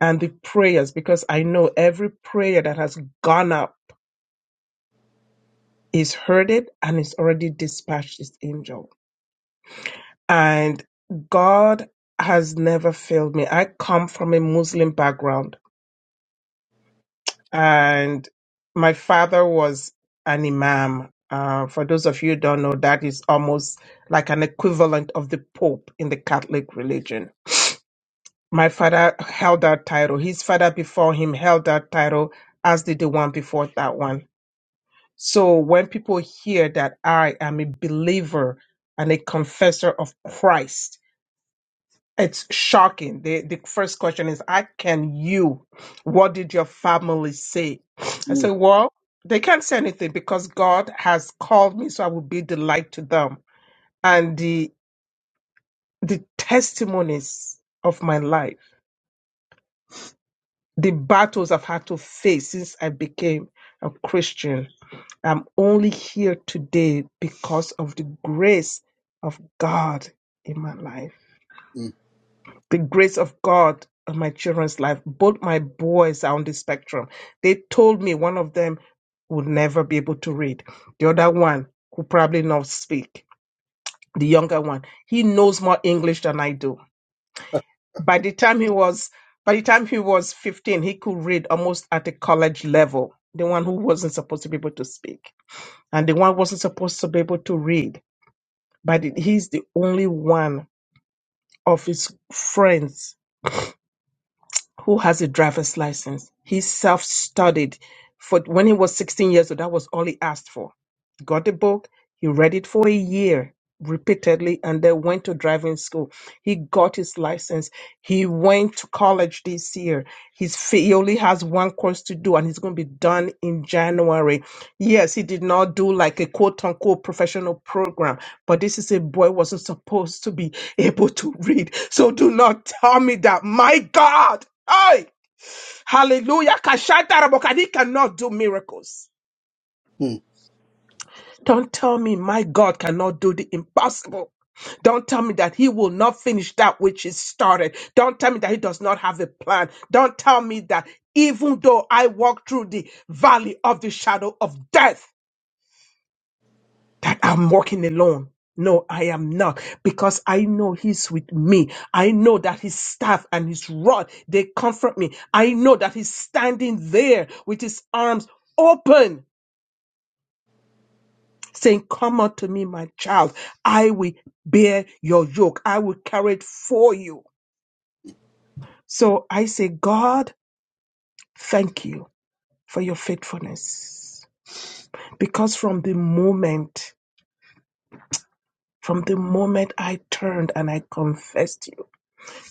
[SPEAKER 5] and the prayers because i know every prayer that has gone up is heard it and is already dispatched its angel and god me I come from a Muslim background, and my father was an imam. Uh, for those of you who don't know, that is almost like an equivalent of the Pope in the Catholic religion. My father held that title. His father before him held that title, as did the one before that one. So when people hear that I am a believer and a confessor of Christ, It's shocking. The, the first question is, "I can you? What did your family say?" I
[SPEAKER 1] mm,
[SPEAKER 5] said, "Well, they can't say anything because God has called me, so I will be the light to them." And the the testimonies of my life, the battles I've had to face since I became a Christian, I'm only here today because of the grace of God in my life. the grace of God on my children's life. Both my boys are on the spectrum. They told me one of them would never be able to read, the other one could probably not speak. The younger one, he knows more English than I do. By the time he was by the time he was 15, he could read almost at a college level. The one who wasn't supposed to be able to speak and the one who wasn't supposed to be able to read, but he's the only one of his friends who has a driver's license. He self-studied for when he was 16 years old. That was all he asked for got a book. He read it for a year repeatedly and then went to driving school. He got his license. He went to college this year. He's, fi- he only has one course to do and he's going to be done in January. Yes, he did not do like a quote unquote professional program, but this is a boy who wasn't supposed to be able to read. So do not tell me that. My God! Hey! Hallelujah! Kashata Rabokani cannot do miracles.
[SPEAKER 1] mm,
[SPEAKER 5] Don't tell me my God cannot do the impossible. Don't tell me that he will not finish that which is started. Don't tell me that he does not have a plan. Don't tell me that even though I walk through the valley of the shadow of death, that I'm walking alone. No, I am not because I know he's with me. I know that his staff and his rod, they comfort me. I know that he's standing there with his arms open saying, Come unto me, my child. I will bear your yoke. I will carry it for you. So I say, God, thank you for your faithfulness. Because from the moment, from the moment I turn, I confess to you,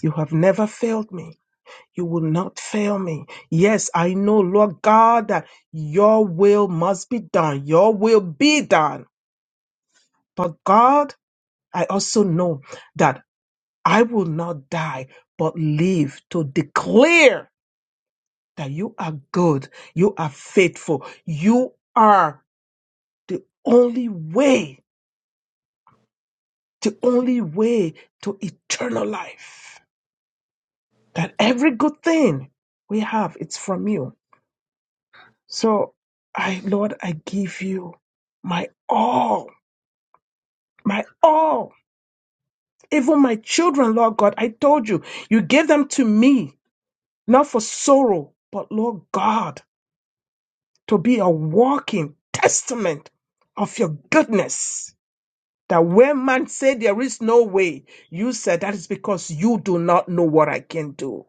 [SPEAKER 5] you have never failed me. You will not fail me. Yes, I know, Lord God, that your will must be done. Your will be done. But God, I also know that I will not die, but live to declare that you are good, you are faithful, you are the only way, the only way to eternal life. That every good thing we have, it's from you. So I, Lord, I give you my all, my all. Even my children, Lord God, I told you, you gave them to me, not for sorrow, but Lord God to be a walking testament of your goodness. That when man say there is no way, you said that is because you do not know what I can do.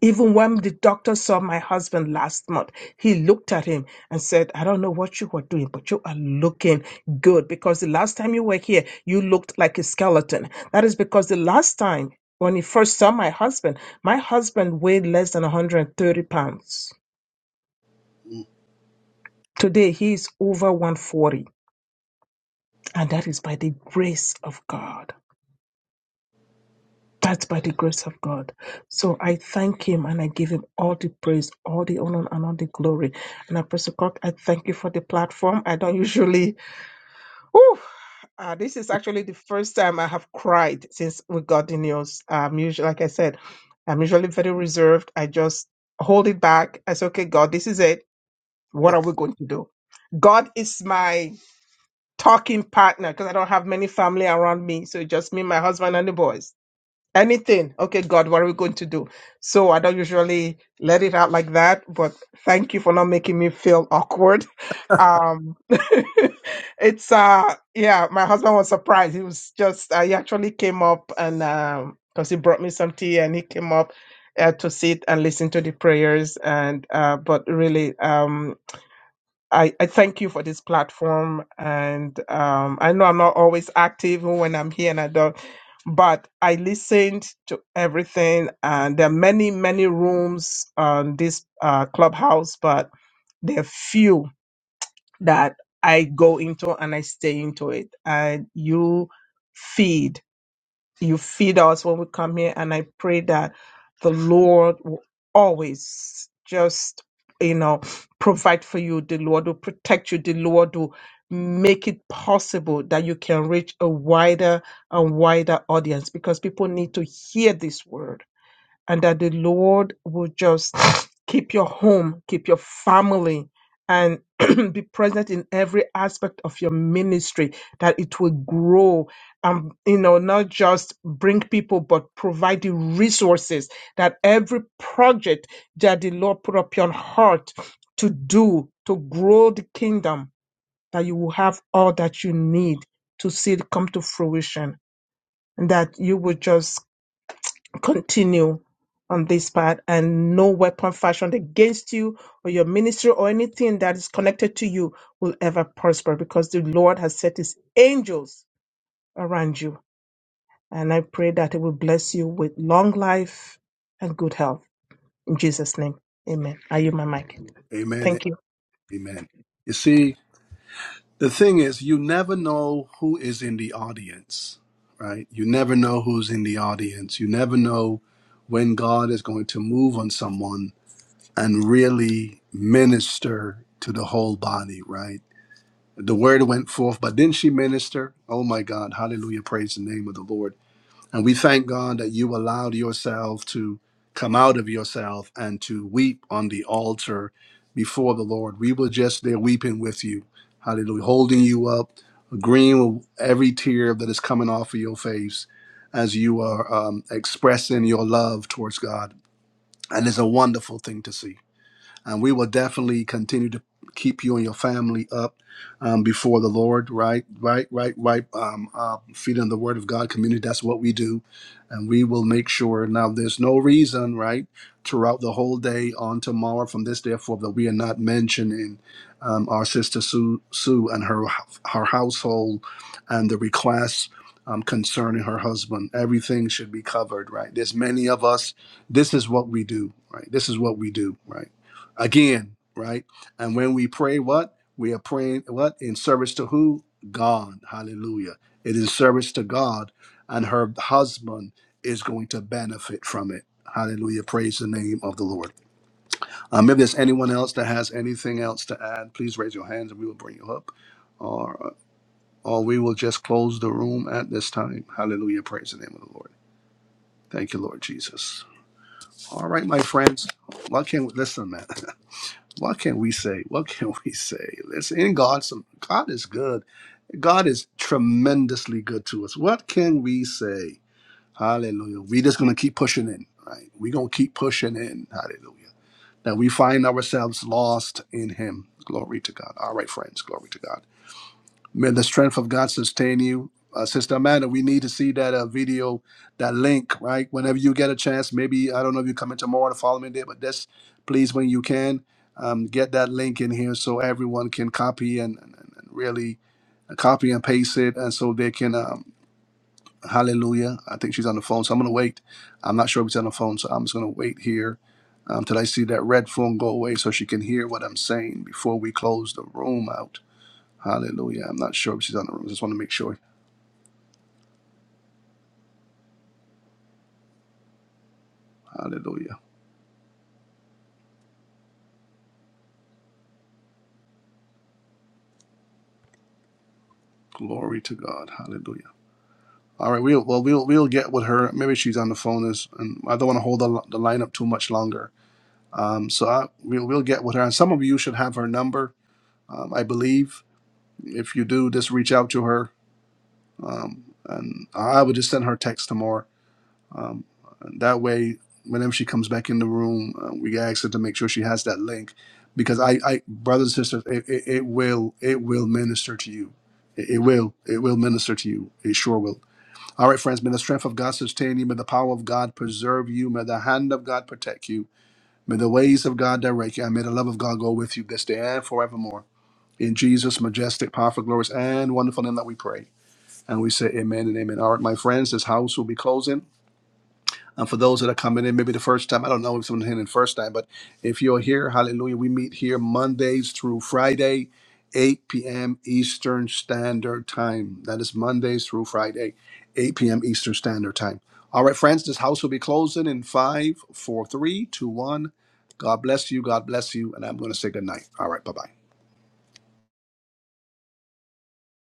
[SPEAKER 5] Even when the doctor saw my husband last month, he looked at him and said, I don't know what you were doing, but you are looking good because the last time you were here, you looked like a skeleton. That is because the last time when he first saw my husband, my husband weighed less than 130 pounds.
[SPEAKER 1] mm.
[SPEAKER 5] Today he is over 140 and that is by the grace of God. That's by the grace of God. So I thank Him and I give Him all the praise, all the honor, and all the glory. And Apostle Cock, I thank you for the platform. I don't usually. Whew, uh, this is actually the first time I have cried since we got the news. Um, usually, like I said, I'm usually very reserved. I just hold it back. I say, okay, God, this is it. What are we going to do? God is my talking partner because I don't have many family around me. So it's just me, my husband, and the boys. Anything. Okay, God, what are we going to do? So I don't usually let it out like that, but thank you for not making me feel awkward. Um it's uh yeah, my husband was surprised. He was just uh, he actually came up and um because he brought me some tea and he came up uh, to sit and listen to the prayers and uh but really um I, I thank you for this platform. And um, I know I'm not always active even when I'm here and I don't, but I listened to everything. And there are many, many rooms on this uh, clubhouse, but there are few that I go into and I stay into it. And you feed, you feed us when we come here. And I pray that the Lord will always just, you know, provide, Lord, to make that you a wider audience because people need to hear this word and that the Lord will just keep it and be straight, that it will go and process that project that the Lord put up your heart to do to grow the kingdom, that you will have all that you need to see it come to fruition and that you will just continue on this part and no weapon fashioned against you or your ministry or anything that is connected to you will ever prosper because the Lord has set his angels around you. And I pray that it will bless you with long life and good health. In Jesus' name, amen. Are you my mic?
[SPEAKER 1] Amen.
[SPEAKER 5] Thank you.
[SPEAKER 1] Amen. You see, the thing is, you never know who is in the audience, right? You never know who's in the audience. You never know when God is going to move on someone and really minister to the whole body, right? The word went forth, but didn't she minister? Oh my God, hallelujah, praise the name of the Lord. And we thank God that you allowed yourself to come out of yourself and to weep on the altar before the Lord. We were just there weeping with you. Hallelujah. Holding you up, agreeing with every tear that is coming off of your face as you are um, expressing your love towards God. And it's a wonderful thing to see and we will definitely continue to keep you and your family up um, before the Lord. Right, right, right, right. Um, uh, feeding the Word of God community. That's what we do, and we will make sure. Now, there's no reason, right, throughout the whole day on tomorrow from this day forth that we are not mentioning um, our sister Sue, Sue and her her household and the requests. Um, concerning her husband, everything should be covered, right? There's many of us. This is what we do, right? This is what we do, right? again, right? And when we pray, what we are praying, what in service to who? God. Hallelujah. It is service to God, and her husband is going to benefit from it. Hallelujah. Praise the name of the Lord. Um, if there's anyone else that has anything else to add, please raise your hands and we will bring you up. Or, or we will just close the room at this time. Hallelujah. Praise the name of the Lord. Thank you, Lord Jesus. All right, my friends. Well, I can't listen, man. What can we say? What can we say? Listen, in God, some God is good. God is tremendously good to us. What can we say? Hallelujah. We're just gonna keep pushing in, right? We're gonna keep pushing in. Hallelujah. That we find ourselves lost in Him. Glory to God. All right, friends. Glory to God. May the strength of God sustain you. Uh, Sister Amanda, we need to see that uh, video, that link, right? Whenever you get a chance, maybe, I don't know if you come in tomorrow or the following day, but just please, when you can, um, get that link in here so everyone can copy and, and, and really uh, copy and paste it. And so they can, um, hallelujah. I think she's on the phone, so I'm going to wait. I'm not sure if she's on the phone, so I'm just going to wait here until I see that red phone go away so she can hear what I'm saying before we close the room out. Hallelujah. I'm not sure if she's on the room. I just want to make sure. Hallelujah. Glory to God. Hallelujah. All right. We'll, well, we'll, we'll get with her. Maybe she's on the phone. Is and I don't want to hold the, li- the line up too much longer. Um, so I, we'll, we'll get with her. And some of you should have her number, um, I believe. If you do, just reach out to her. Um, and I would just send her a text tomorrow Um, that way, whenever she comes back in the room, uh, we ask her to make sure she has that link, because I, I brothers and sisters, it, it, it will, it will minister to you. It, it will, it will minister to you. It sure will. All right, friends. May the strength of God sustain you. May the power of God preserve you. May the hand of God protect you. May the ways of God direct you, and may the love of God go with you this day and forevermore. In Jesus' majestic, powerful, glorious, and wonderful name that we pray. And we say amen and amen. All right, my friends, this house will be closing. And for those that are coming in, maybe the first time, I don't know if someone's in the first time, but if you're here, hallelujah, we meet here Mondays through Friday, 8 p.m. Eastern Standard Time. That is Mondays through Friday, 8 p.m. Eastern Standard Time. All right, friends, this house will be closing in five, four, three, two, one. God bless you. God bless you. And I'm going to say good night. All right, bye bye.